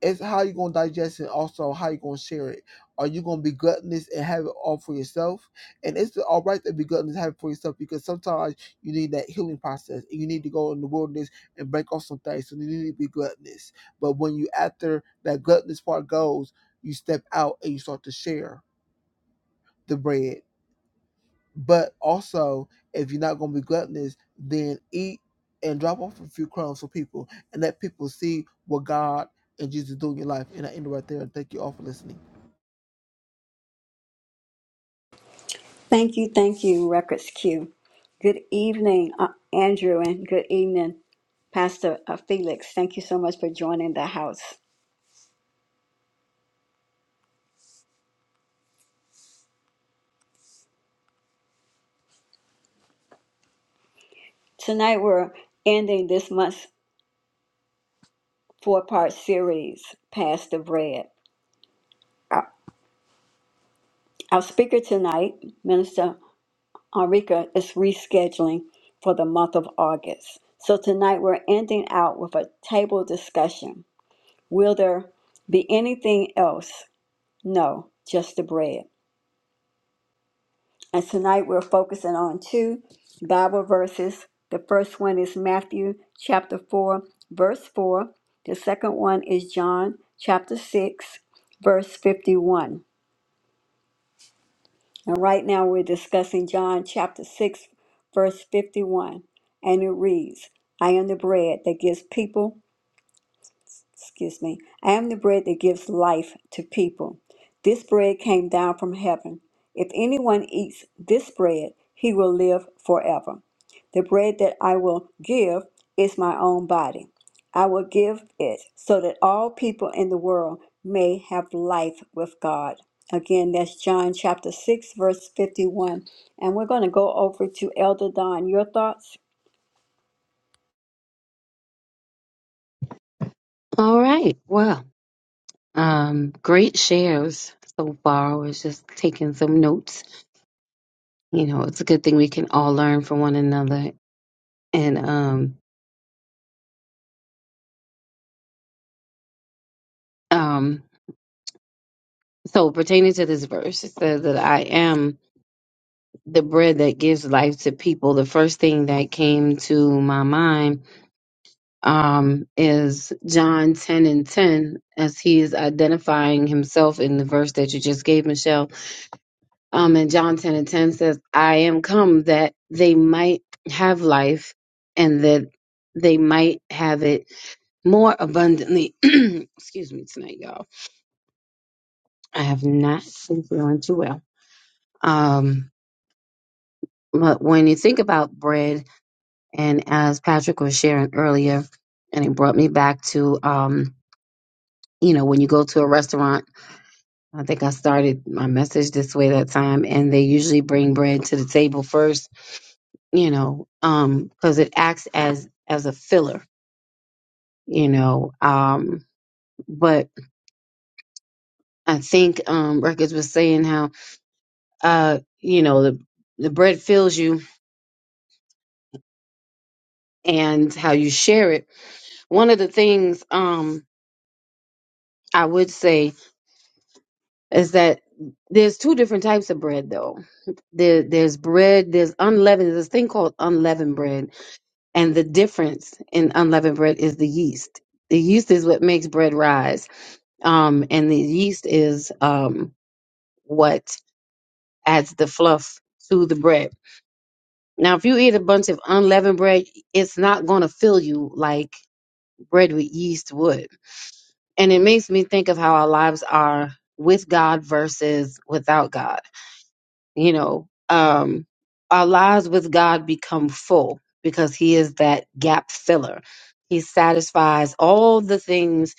[SPEAKER 3] it's how you gonna digest it, also how you gonna share it. Are you gonna be gluttonous and have it all for yourself? And it's all right to be gluttonous and have it for yourself because sometimes you need that healing process. You need to go in the wilderness and break off some things. So you need to be gluttonous. But when you after that gluttonous part goes, you step out and you start to share the bread but also, if you're not going to be gluttonous, then eat and drop off a few crumbs for people and let people see what God and Jesus do in your life. And I end it right there. Thank you all for listening.
[SPEAKER 1] Thank you, thank you, Records Q. Good evening, uh, Andrew, and good evening, Pastor uh, Felix. Thank you so much for joining the house. Tonight, we're ending this month's four part series, Pass the Bread Uh, Our speaker tonight, Minister Enrica, is rescheduling for the month of August. So tonight we're ending out with a table discussion. Will there be anything else? No, just the bread. And tonight we're focusing on two Bible verses. The first one is Matthew chapter 4, verse 4. The second one is John chapter 6, verse 51. And right now we're discussing John chapter 6, verse 51. And it reads, I am the bread that gives people excuse me, I am the bread that gives life to people. This bread came down from heaven. If anyone eats this bread, he will live forever. The bread that I will give is my own body. I will give it so that all people in the world may have life with God. Again, that's John chapter 6, verse 51. And we're going to go over to Elder Don. Your thoughts?
[SPEAKER 4] All right. Well, um, great shares so far. I was just taking some notes. You know, it's a good thing we can all learn from one another. And um, um, so pertaining to this verse, it says that I am the bread that gives life to people. The first thing that came to my mind um, is John 10 and 10, as he is identifying himself in the verse that you just gave, Michelle Um, and John 10 and 10 says, I am come that they might have life and that they might have it more abundantly. Excuse me tonight, y'all. I have not been feeling too well. Um, but when you think about bread, and as Patrick was sharing earlier, and it brought me back to, um, you know, when you go to a restaurant, I think I started my message this way that time, and they usually bring bread to the table first you know, um, cause it acts as, as a filler, you know, um, but I think, um, Records was saying how, uh, you know, the, the bread fills you and how you share it. One of the things, um, I would say is that there's two different types of bread though. There, there's bread, there's unleavened, there's this thing called unleavened bread. And the difference in unleavened bread is the yeast. The yeast is what makes bread rise Um, and the yeast is um, what adds the fluff to the bread. Now, if you eat a bunch of unleavened bread, it's not going to fill you like bread with yeast would. And it makes me think of how our lives are with God versus without God. You know, um, our lives with God become full because He is that gap filler. He satisfies all the things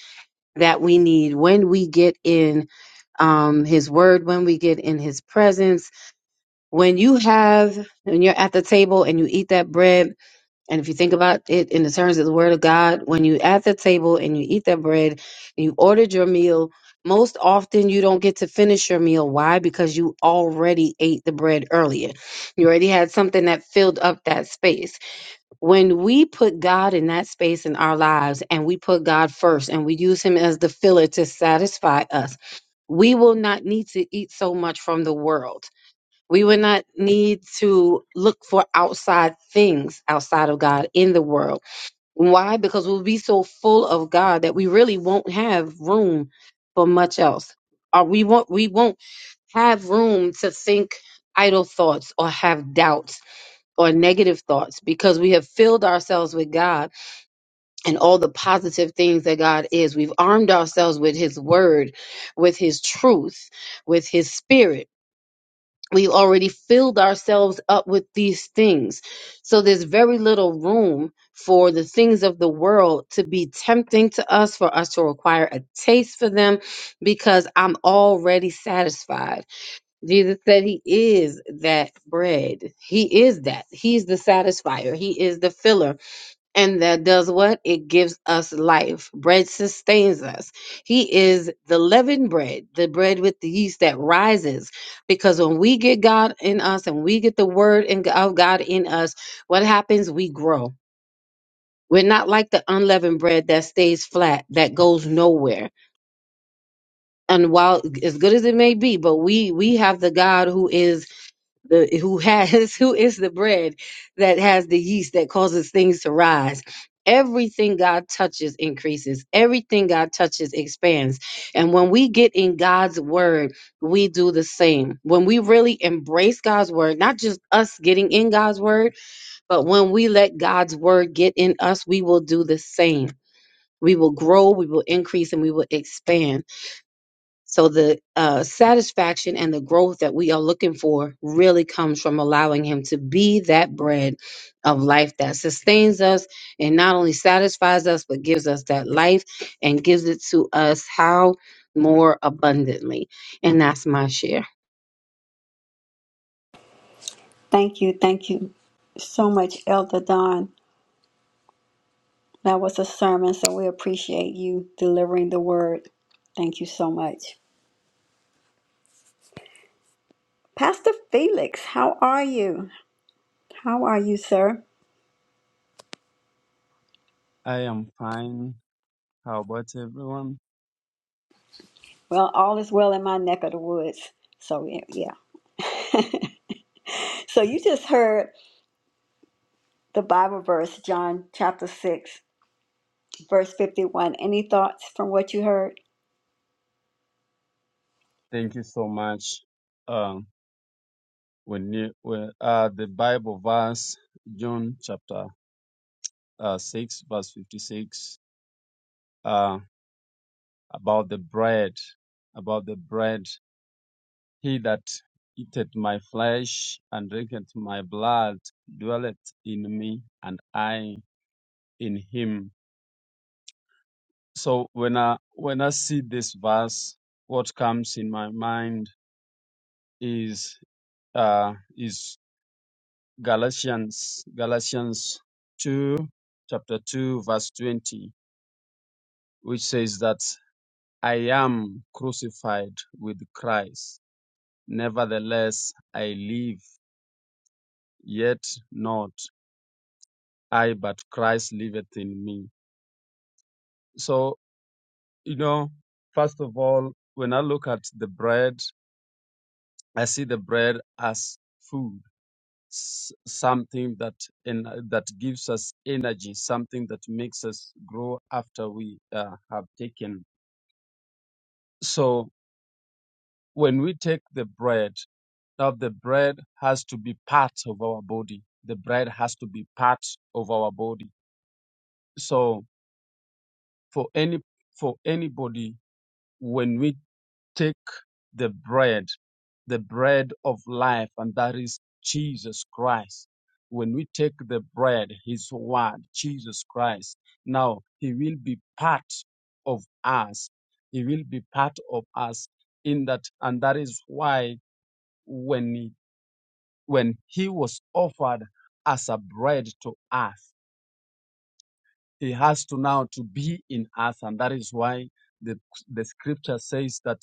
[SPEAKER 4] that we need when we get in um, his word when we get in his presence. When you have, when you're at the table and you eat that bread, and if you think about it in the terms of the word of God, when you are at the table and you eat that bread and you ordered your meal, most often you don't get to finish your meal. Why? Because you already ate the bread earlier. You already had something that filled up that space when we put God in that space in our lives and we put God first and we use Him as the filler to satisfy us, we will not need to eat so much from the world. We will not need to look for outside things outside of God in the world. Why? Because we'll be so full of God that we really won't have room for much else. Or we won't we won't have room to think idle thoughts or have doubts or negative thoughts because we have filled ourselves with God and all the positive things that God is. We've armed ourselves with His Word, with His truth, with His Spirit. We've already filled ourselves up with these things. So there's very little room for the things of the world to be tempting to us, for us to require a taste for them, because I'm already satisfied. Jesus said he is that bread. He is that. He's the satisfier. He is the filler. And that does what? It gives us life. Bread sustains us. He is the leavened bread, the bread with the yeast that rises. Because when we get God in us and we get the word in, of God in us, what happens? We grow. We're not like the unleavened bread that stays flat, that goes nowhere. And while as good as it may be, but we we have the God who is the who has who is the bread that has the yeast that causes things to rise everything god touches increases everything god touches expands and when we get in god's word we do the same when we really embrace god's word not just us getting in god's word but when we let god's word get in us we will do the same we will grow we will increase and we will expand so the uh, satisfaction and the growth that we are looking for really comes from allowing Him to be that bread of life that sustains us and not only satisfies us, but gives us that life and gives it to us how more abundantly. And that's my share.
[SPEAKER 1] Thank you. Thank you so much, Elder Don. That was a sermon, so we appreciate you delivering the word. Thank you so much. Pastor Felix, how are you? How are you, sir?
[SPEAKER 5] I am fine. How about everyone?
[SPEAKER 1] Well, all is well in my neck of the woods. So, yeah. so, you just heard the Bible verse, John chapter 6, verse 51. Any thoughts from what you heard?
[SPEAKER 5] Thank you so much. Um, we need we, uh, the Bible verse, John chapter uh, 6, verse 56, uh, about the bread, about the bread. He that eateth my flesh and drinketh my blood dwelleth in me, and I in him. So when I when I see this verse, what comes in my mind is uh, is Galatians, Galatians 2, chapter 2, verse 20, which says that I am crucified with Christ. Nevertheless, I live, yet not I, but Christ liveth in me. So, you know, first of all, when I look at the bread, I see the bread as food s- something that in, that gives us energy, something that makes us grow after we uh, have taken. So when we take the bread, now the bread has to be part of our body. The bread has to be part of our body. So for any for anybody, when we take the bread, the bread of life, and that is Jesus Christ. When we take the bread, His word, Jesus Christ, now He will be part of us. He will be part of us in that, and that is why when He, when He was offered as a bread to us, He has to now to be in us, and that is why the the Scripture says that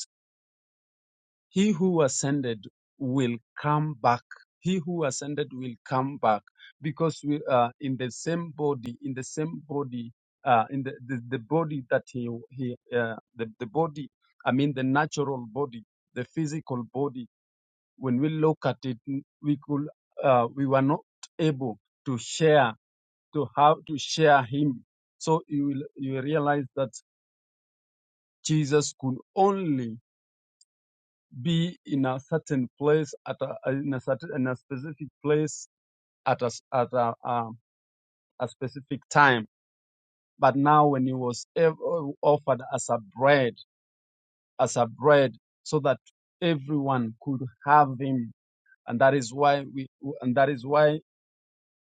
[SPEAKER 5] He who ascended will come back. He who ascended will come back because we are in the same body, in the same body, uh, in the, the, the body that he, he uh, the, the body, I mean the natural body, the physical body. When we look at it, we could, uh, we were not able to share, to have to share him. So you will, you will realize that Jesus could only be in a certain place at a, in a certain in a specific place at a s- at a, um, a specific time. But now, when it was ev- offered as a bread, as a bread, so that everyone could have him, and that is why we and that is why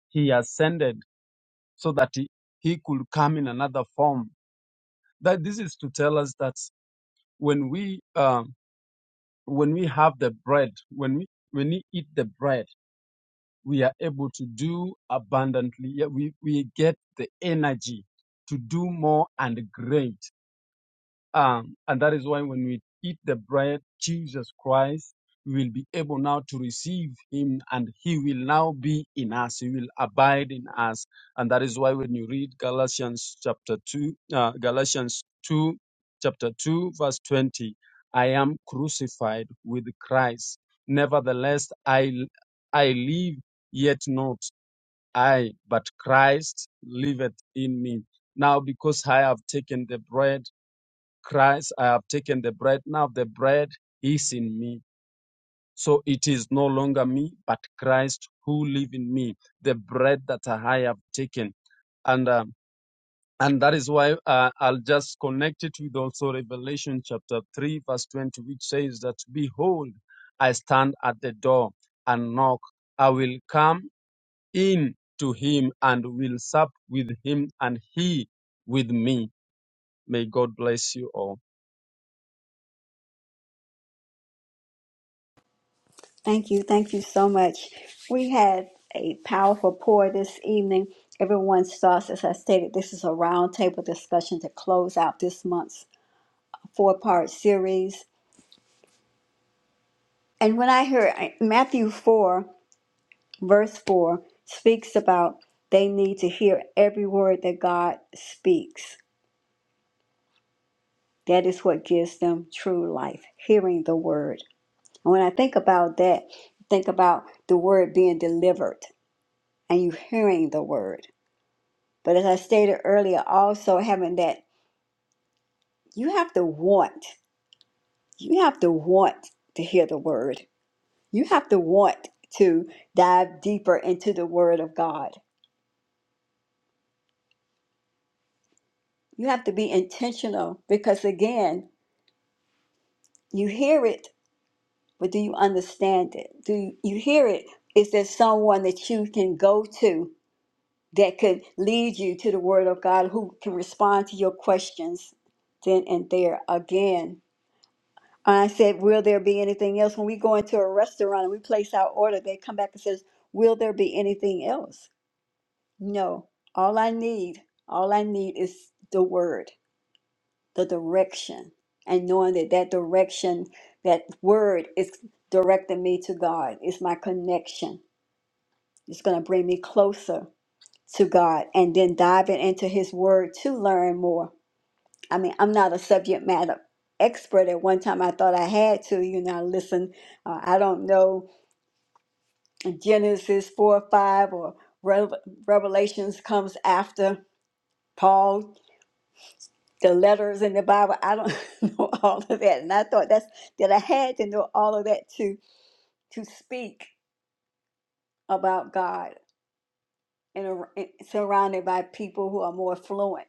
[SPEAKER 5] he ascended, so that he, he could come in another form. That this is to tell us that when we um, when we have the bread, when we when we eat the bread we are able to do abundantly. Yeah, We, we get the energy to do more and great. Um, and that is why when we eat the bread, Jesus Christ we will be able now to receive him and he will now be in us. He will abide in us. And that is why when you read Galatians chapter 2, uh, Galatians 2, chapter 2, verse 20, I am crucified with Christ. Nevertheless, I, I live, yet not I, but Christ liveth in me. Now, because I have taken the bread, Christ, I have taken the bread. Now the bread is in me. So it is no longer me, but Christ who lives in me, the bread that I have taken. And, um, and that is why uh, I'll just connect it with also Revelation chapter 3, verse 20, which says that, Behold, I stand at the door and knock. I will come in to him and will sup with him and he with me. May God bless you all.
[SPEAKER 1] Thank you. Thank you so much. We had a powerful pour this evening. Everyone starts, as I stated, this is a roundtable discussion to close out this month's four part series. And when I heard Matthew 4, verse 4, speaks about they need to hear every word that God speaks. That is what gives them true life, hearing the word. And when I think about that, think about the word being delivered and you hearing the word. But as I stated earlier, also having that, you have to want, you have to want to hear the word. You have to want to dive deeper into the Word of God. You have to be intentional because, again, you hear it, but do you understand it? Do you, you hear it? Is there someone that you can go to that could lead you to the Word of God who can respond to your questions then and there? Again, I said, Will there be anything else? When we go into a restaurant and we place our order, they come back and says, Will there be anything else? No, all I need, all I need is the word, the direction, and knowing that that direction, that word is directing me to God. It's my connection. It's going to bring me closer to God and then diving into His word to learn more. I mean, I'm not a subject matter expert. At one time, I thought I had to, you know, listen, uh, I don't know Genesis 4 or 5 or Rev- Revelations comes after. Paul the letters in the Bible. I don't know all of that. And I thought that's that I had to know all of that to to speak about God and ar- and surrounded by people who are more fluent,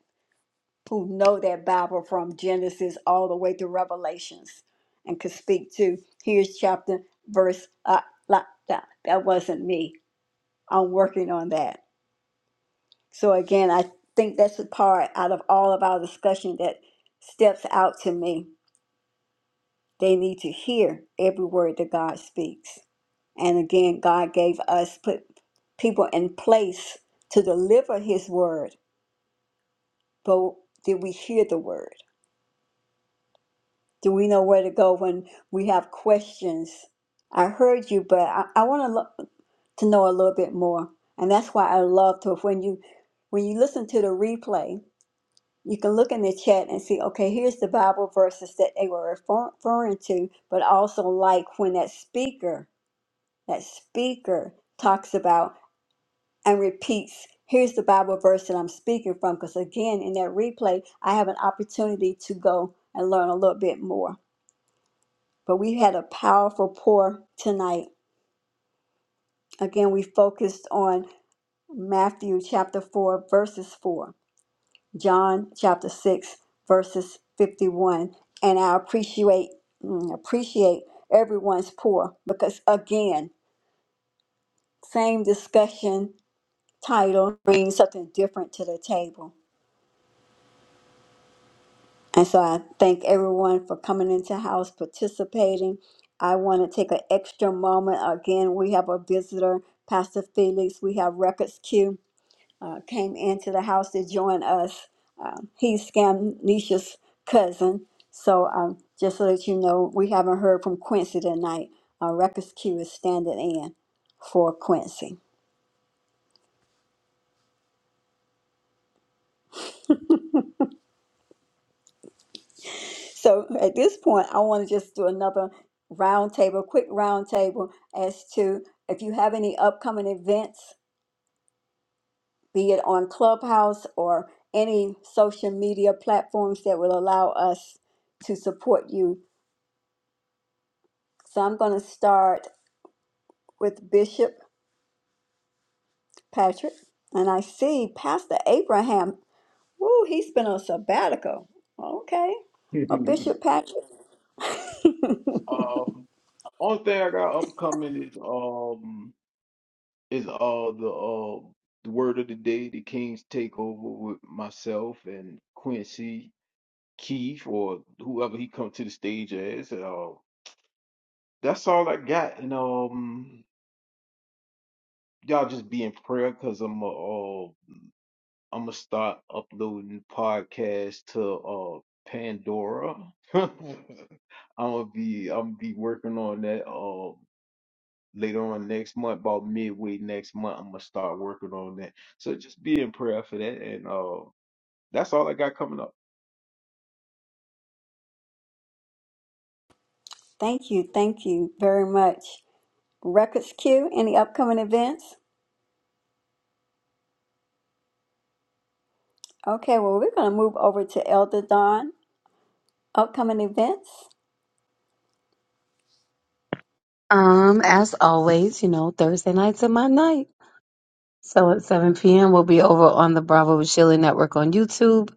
[SPEAKER 1] who know that Bible from Genesis all the way to Revelations and could speak to here's chapter verse uh, la, da. that wasn't me. I'm working on that. So again, I think that's the part out of all of our discussion that steps out to me They need to hear every word that God speaks. And again, God gave us put people in place to deliver his word. But did we hear the word? Do we know where to go when we have questions? I heard you, but I, I want to lo- to know a little bit more. And that's why I love to when you when you listen to the replay, you can look in the chat and see, okay, here's the Bible verses that they were refer- referring to, but also like when that speaker that speaker talks about and repeats here's the bible verse that i'm speaking from because again in that replay i have an opportunity to go and learn a little bit more but we had a powerful pour tonight again we focused on matthew chapter 4 verses 4 john chapter 6 verses 51 and i appreciate mm, appreciate everyone's pour because again same discussion title bring something different to the table. And so I thank everyone for coming into house, participating. I want to take an extra moment. Again, we have a visitor, Pastor Felix. We have Records Q uh, came into the house to join us. Um, he's Scamnicia's cousin. So um, just to let you know, we haven't heard from Quincy tonight. Uh, Records Q is standing in for Quincy. So at this point, I want to just do another roundtable, quick roundtable as to if you have any upcoming events, be it on Clubhouse or any social media platforms that will allow us to support you. So I'm going to start with Bishop Patrick, and I see Pastor Abraham. Woo, he's been on sabbatical. Okay. Well, Bishop Patrick,
[SPEAKER 2] Um, only thing I got upcoming is um is uh the uh the word of the day, the King's takeover with myself and Quincy Keith or whoever he come to the stage as. uh. that's all I got. And um, y'all just be in prayer because I'm uh, I'm gonna start uploading podcasts to uh Pandora. I'm gonna be I'm gonna be working on that uh later on next month, about midway next month. I'm gonna start working on that. So just be in prayer for that. And uh, that's all I got coming up.
[SPEAKER 1] thank you, thank you very much. Records Q, any upcoming events? Okay, well, we're going to move over to Elder Dawn, upcoming events.
[SPEAKER 4] Um, as always, you know, Thursday nights are my night. So at 7 p.m. we'll be over on the Bravo with Sheila Network on YouTube.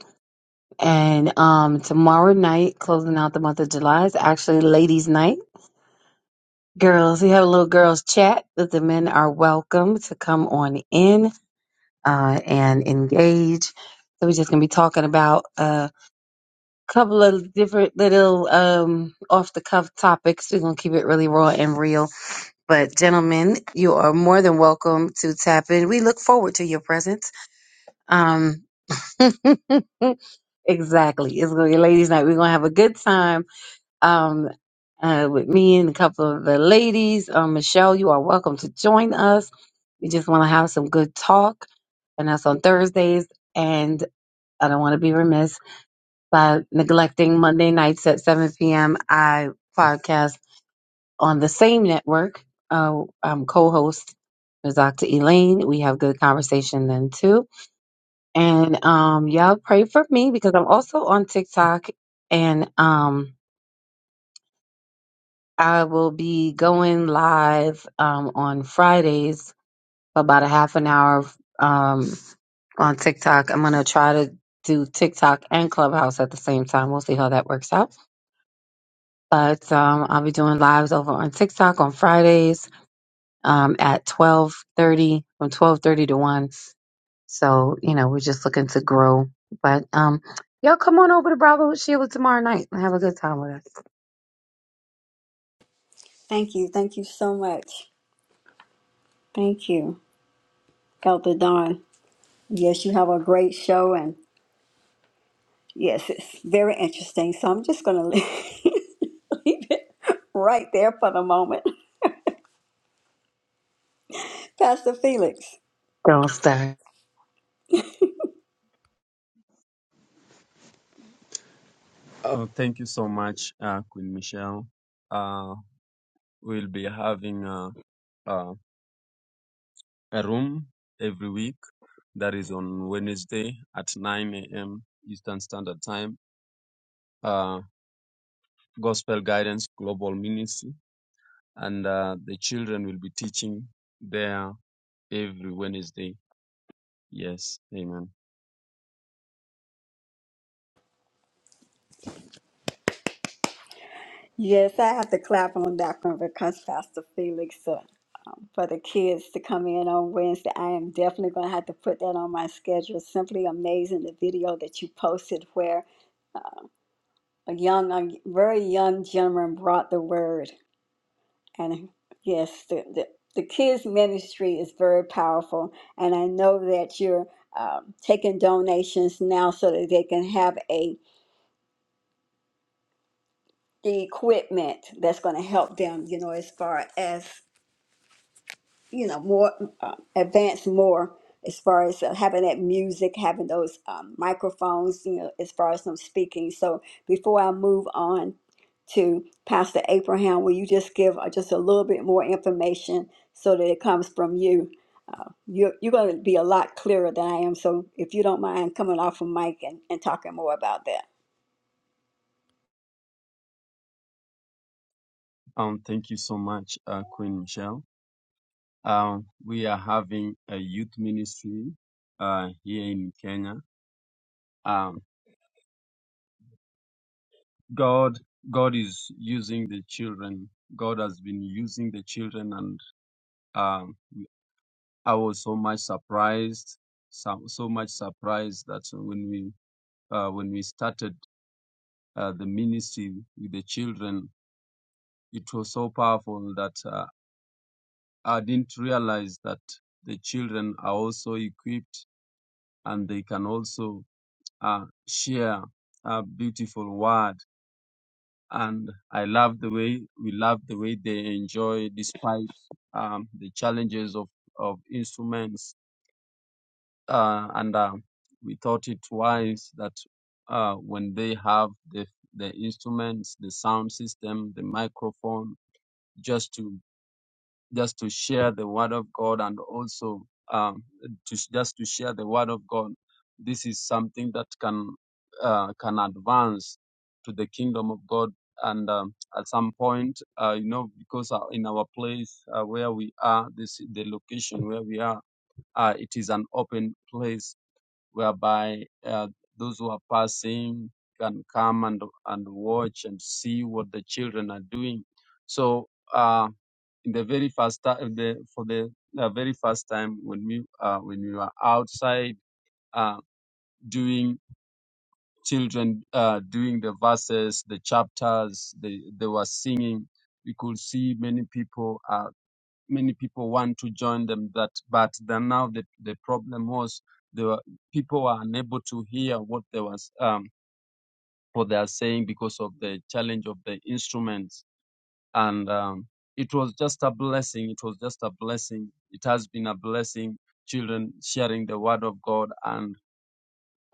[SPEAKER 4] And um tomorrow night, closing out the month of July, is actually ladies' night. Girls, we have a little girls chat that the men are welcome to come on in uh, and engage. So we're just gonna be talking about a couple of different little um, off the cuff topics. We're gonna keep it really raw and real. But gentlemen, you are more than welcome to tap in. We look forward to your presence. Um, exactly. It's gonna be ladies' night. We're gonna have a good time um, uh, with me and a couple of the ladies. Um, Michelle, you are welcome to join us. We just want to have some good talk, and that's on Thursdays. And I don't want to be remiss by neglecting Monday nights at 7 p.m. I podcast on the same network. Uh, I'm co-host with Dr. Elaine. We have good conversation then too. And um, y'all pray for me because I'm also on TikTok and um, I will be going live um, on Fridays for about a half an hour um, on TikTok. I'm going to try to do TikTok and Clubhouse at the same time. We'll see how that works out. But um, I'll be doing lives over on TikTok on Fridays um, at 12:30 from 12:30 to 1. So you know we're just looking to grow. But um, y'all come on over to Bravo with Sheila tomorrow night and have a good time with us.
[SPEAKER 1] Thank you. Thank you so much. Thank you, Elder Dawn. Yes, you have a great show, and yes, it's very interesting. So I'm just going to leave it right there for the moment. Pastor Felix.
[SPEAKER 4] Don't stay.
[SPEAKER 5] Oh, thank you so much, uh, Queen Michelle. Uh, we'll be having a, a, a room every week that is on Wednesday at 9 a.m. Eastern Standard Time. Uh, Gospel Guidance Global Ministry, and uh, the children will be teaching there every Wednesday. Yes, Amen.
[SPEAKER 1] Yes, I have to clap on that one because Pastor Felix, uh, um, for the kids to come in on Wednesday, I am definitely going to have to put that on my schedule. Simply amazing the video that you posted where a young, a very young gentleman brought the word. And yes, the, the, the kids' ministry is very powerful. And I know that you're um, taking donations now so that they can have a the equipment that's going to help them, you know, as far as you know more uh, advanced more as far as uh, having that music having those um, microphones you know as far as them speaking so before i move on to pastor abraham will you just give uh, just a little bit more information so that it comes from you uh, you're, you're going to be a lot clearer than i am so if you don't mind coming off of mic and, and talking more about that
[SPEAKER 5] Um, thank you so much, uh, Queen Michelle. Um, we are having a youth ministry uh, here in Kenya. Um, God, God is using the children. God has been using the children, and um, I was so much surprised, so, so much surprised that when we uh, when we started uh, the ministry with the children, it was so powerful that uh, I didn't realize that the children are also equipped and they can also uh, share a beautiful word and I love the way we love the way they enjoy despite um, the challenges of of instruments. Uh, and uh, we thought it wise that uh, when they have the the instruments, the sound system, the microphone, just to just to share the word of God and also um, to just to share the word of God. This is something that can uh, can advance to the kingdom of God. And um, at some point, uh, you know, because uh, in our place uh, where we are, this the location where we are, uh, it is an open place whereby uh, those who are passing can come and and watch and see what the children are doing. So. Uh, in the very first time the, for the uh, very first time when we uh, when we were outside uh, doing children uh, doing the verses the chapters they, they were singing we could see many people uh, many people want to join them that but then now the, the problem was they were people were unable to hear what they was um, what they are saying because of the challenge of the instruments and um, it was just a blessing. It was just a blessing. It has been a blessing. Children sharing the word of God, and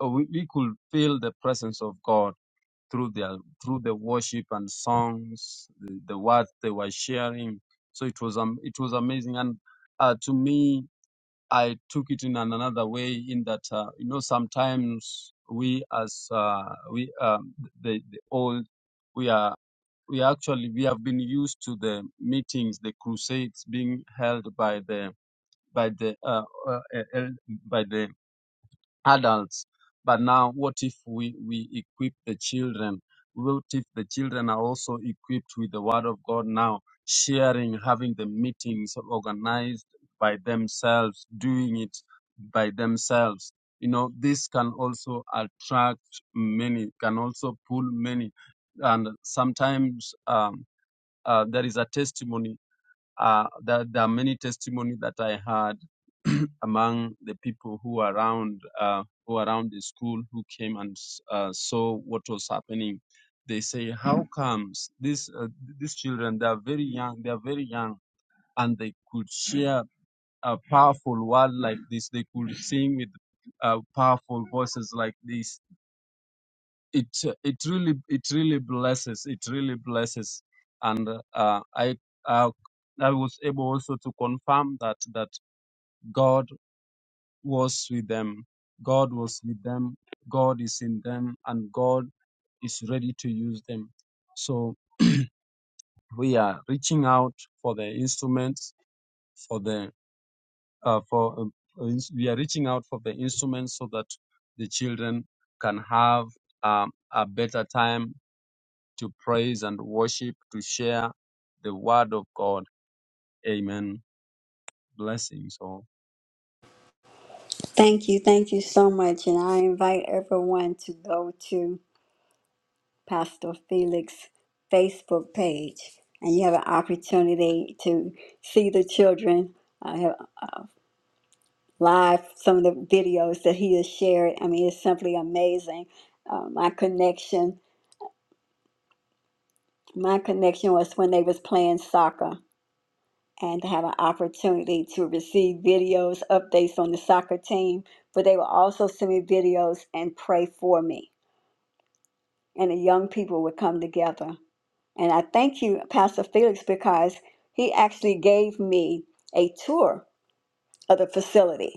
[SPEAKER 5] uh, we, we could feel the presence of God through their through the worship and songs, the, the words they were sharing. So it was um, it was amazing, and uh, to me, I took it in an- another way. In that, uh, you know, sometimes we as uh, we um, the the old. we are we actually we have been used to the meetings, the crusades being held by the by the uh, uh, uh, el- by the adults. But now, what if we we equip the children? What if the children are also equipped with the Word of God now, sharing, having the meetings organized by themselves, doing it by themselves? You know, this can also attract many, can also pull many, and sometimes. Um, uh, there is a testimony. Uh, that there are many testimony that I had among the people who were around uh, who were around the school who came and uh, saw what was happening. They say, "How comes these uh, these children? They are very young. They are very young, and they could share a powerful word like this. They could sing with uh, powerful voices like this." it it really it really blesses it really blesses and uh, i uh, i was able also to confirm that that god was with them god was with them god is in them and god is ready to use them so we are reaching out for the instruments for the uh, for um, ins- we are reaching out for the instruments so that the children can have um, a better time to praise and worship, to share the word of God. Amen. Blessings all.
[SPEAKER 1] thank you thank you so much and i invite everyone to go to Pastor Felix Facebook page, and you have an opportunity to see the children. I have live some of the videos that he has shared. I mean, it's simply amazing. Uh, my connection, my connection was when they was playing soccer, and to have an opportunity to receive videos, updates on the soccer team. But they would also send me videos and pray for me, and the young people would come together. And I thank you, Pastor Felix, because he actually gave me a tour of the facility.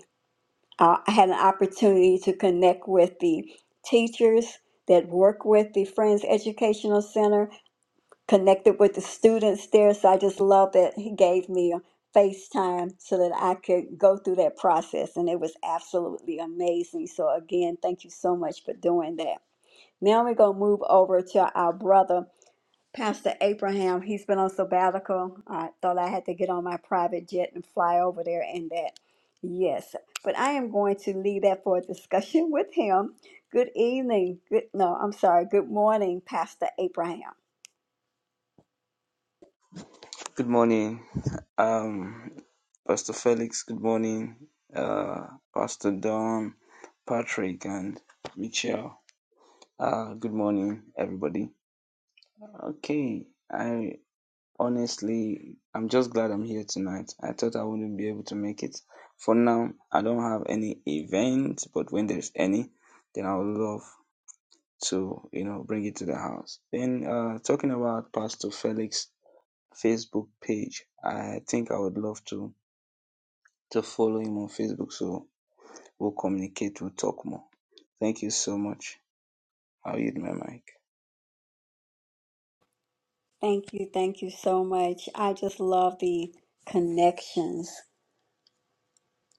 [SPEAKER 1] Uh, I had an opportunity to connect with the teachers that work with the Friends Educational Center, connected with the students there. So I just love that he gave me a FaceTime so that I could go through that process. And it was absolutely amazing. So, again, thank you so much for doing that. Now we're going to move over to our brother Pastor Abraham, he's been on sabbatical. I thought I had to get on my private jet and fly over there and that. Yes, but I am going to leave that for a discussion with him. Good evening. Good, no, I'm sorry. Good morning, Pastor Abraham.
[SPEAKER 6] Good morning, um, Pastor Felix. Good morning, uh, Pastor Don, Patrick, and Michelle. Uh, good morning, everybody. Okay, I honestly, I'm just glad I'm here tonight. I thought I wouldn't be able to make it. For now, I don't have any event, but when there's any, then I would love to, you know, bring it to the house. Then, uh, talking about Pastor Felix' Facebook page, I think I would love to to follow him on Facebook so we'll communicate, we'll talk more. Thank you so much. I'll yield my mic.
[SPEAKER 1] Thank you. Thank you so much. I just love the connections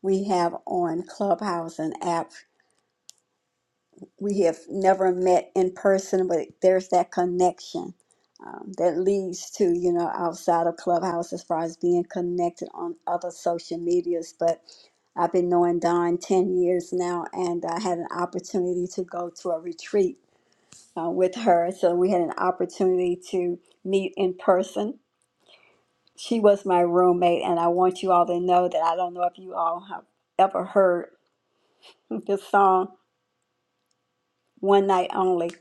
[SPEAKER 1] we have on Clubhouse and app. We have never met in person, but there's that connection um, that leads to, you know, outside of Clubhouse as far as being connected on other social medias. But I've been knowing Don 10 years now, and I had an opportunity to go to a retreat uh, with her. So we had an opportunity to meet in person She was my roommate, and I want you all to know that I don't know if you all have ever heard this song One Night Only.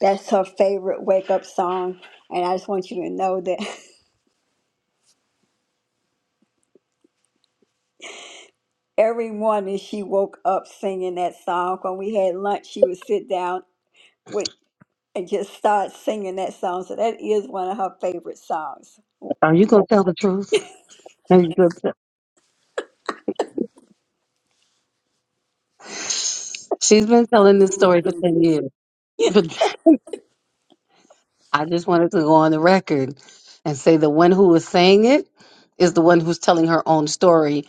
[SPEAKER 1] That's her favorite wake up song. And I just want you to know that every morning she woke up singing that song. When we had lunch, she would sit down with and just start singing that song. So that is one of her favorite songs.
[SPEAKER 4] Are you gonna tell the truth? Are you gonna? She's been telling this
[SPEAKER 1] Mhm.
[SPEAKER 4] story for 10 years. But I just wanted to go on the record and say the one who was saying it is the one who's telling her own story.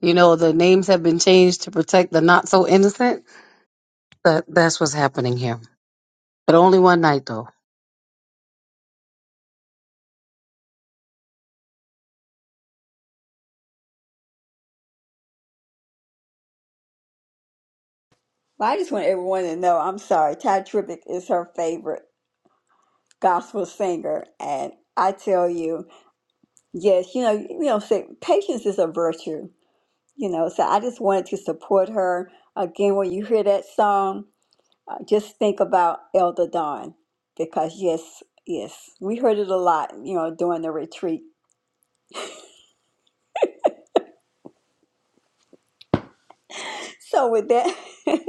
[SPEAKER 4] You know, the names have been changed to protect the not so innocent. That that's what's happening here. But only one night though.
[SPEAKER 1] Well, I just want everyone to know I'm sorry. Ty Tribbett is her favorite gospel singer. And I tell you, Yes, you know, you know, say patience is a virtue, you know. So I just wanted to support her. Again, when you hear that song, uh, just think about Elder Dawn because yes, yes, we heard it a lot, you know, during the retreat. So with that,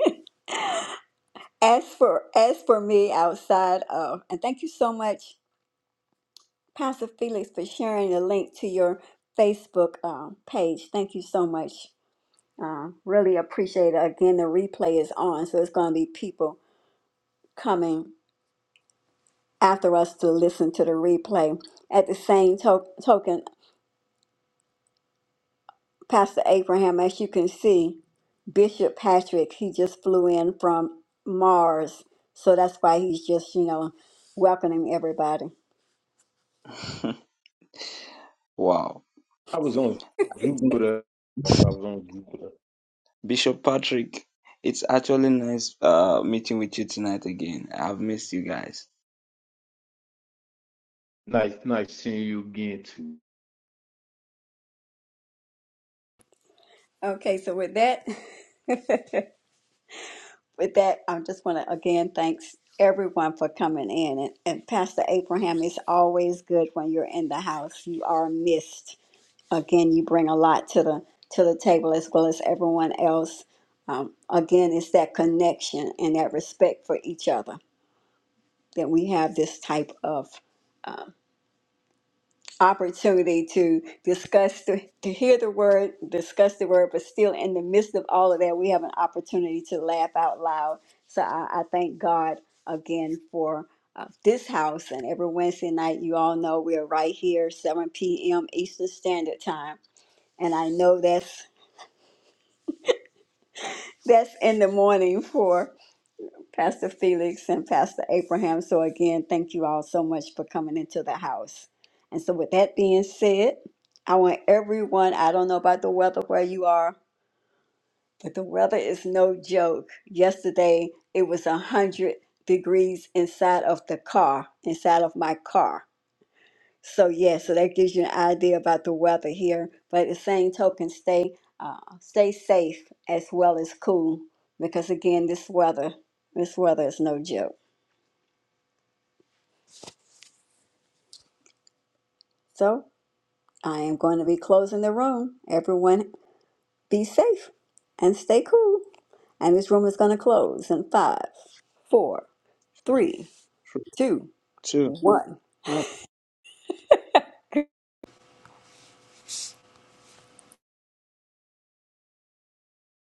[SPEAKER 1] as for as for me outside of, and thank you so much, Pastor Felix, for sharing the link to your Facebook um, page. Thank you so much. Uh, really appreciate it. Again, the replay is on, so it's going to be people coming after us to listen to the replay. At the same to- token, Pastor Abraham, as you can see, Bishop Patrick, he just flew in from Mars. So that's why he's just, you know, welcoming everybody.
[SPEAKER 6] wow.
[SPEAKER 2] I was on Jupiter. I was on Jupiter.
[SPEAKER 6] Bishop Patrick, it's actually nice uh meeting with you tonight again. I've missed you guys.
[SPEAKER 2] Nice, nice seeing you again too.
[SPEAKER 1] Okay, so with that, with that, I just want to again thanks everyone for coming in. And, and Pastor Abraham, it's always good when you're in the house. You are missed. again you bring a lot to the to the table as well as everyone else um, again it's that connection and that respect for each other that we have this type of opportunity to discuss to, to hear the word discuss the word but still in the midst of all of that we have an opportunity to laugh out loud so i, I thank god again for uh, this house and every wednesday night you all know we're right here 7 p.m eastern standard time and i know that's That's in the morning for Pastor Felix and Pastor Abraham. So, again, thank you all so much for coming into the house. And so, with that being said, I want everyone, I don't know about the weather where you are, but the weather is no joke. Yesterday, it was 100 degrees inside of the car, inside of my car. So yeah, so that gives you an idea about the weather here. But at the same token, stay uh, stay safe as well as cool because again, this weather this weather is no joke. So I am going to be closing the room. Everyone, be safe and stay cool. And this room is going to close in five, four, three,
[SPEAKER 6] Three,
[SPEAKER 1] two,
[SPEAKER 6] two, one.
[SPEAKER 1] one.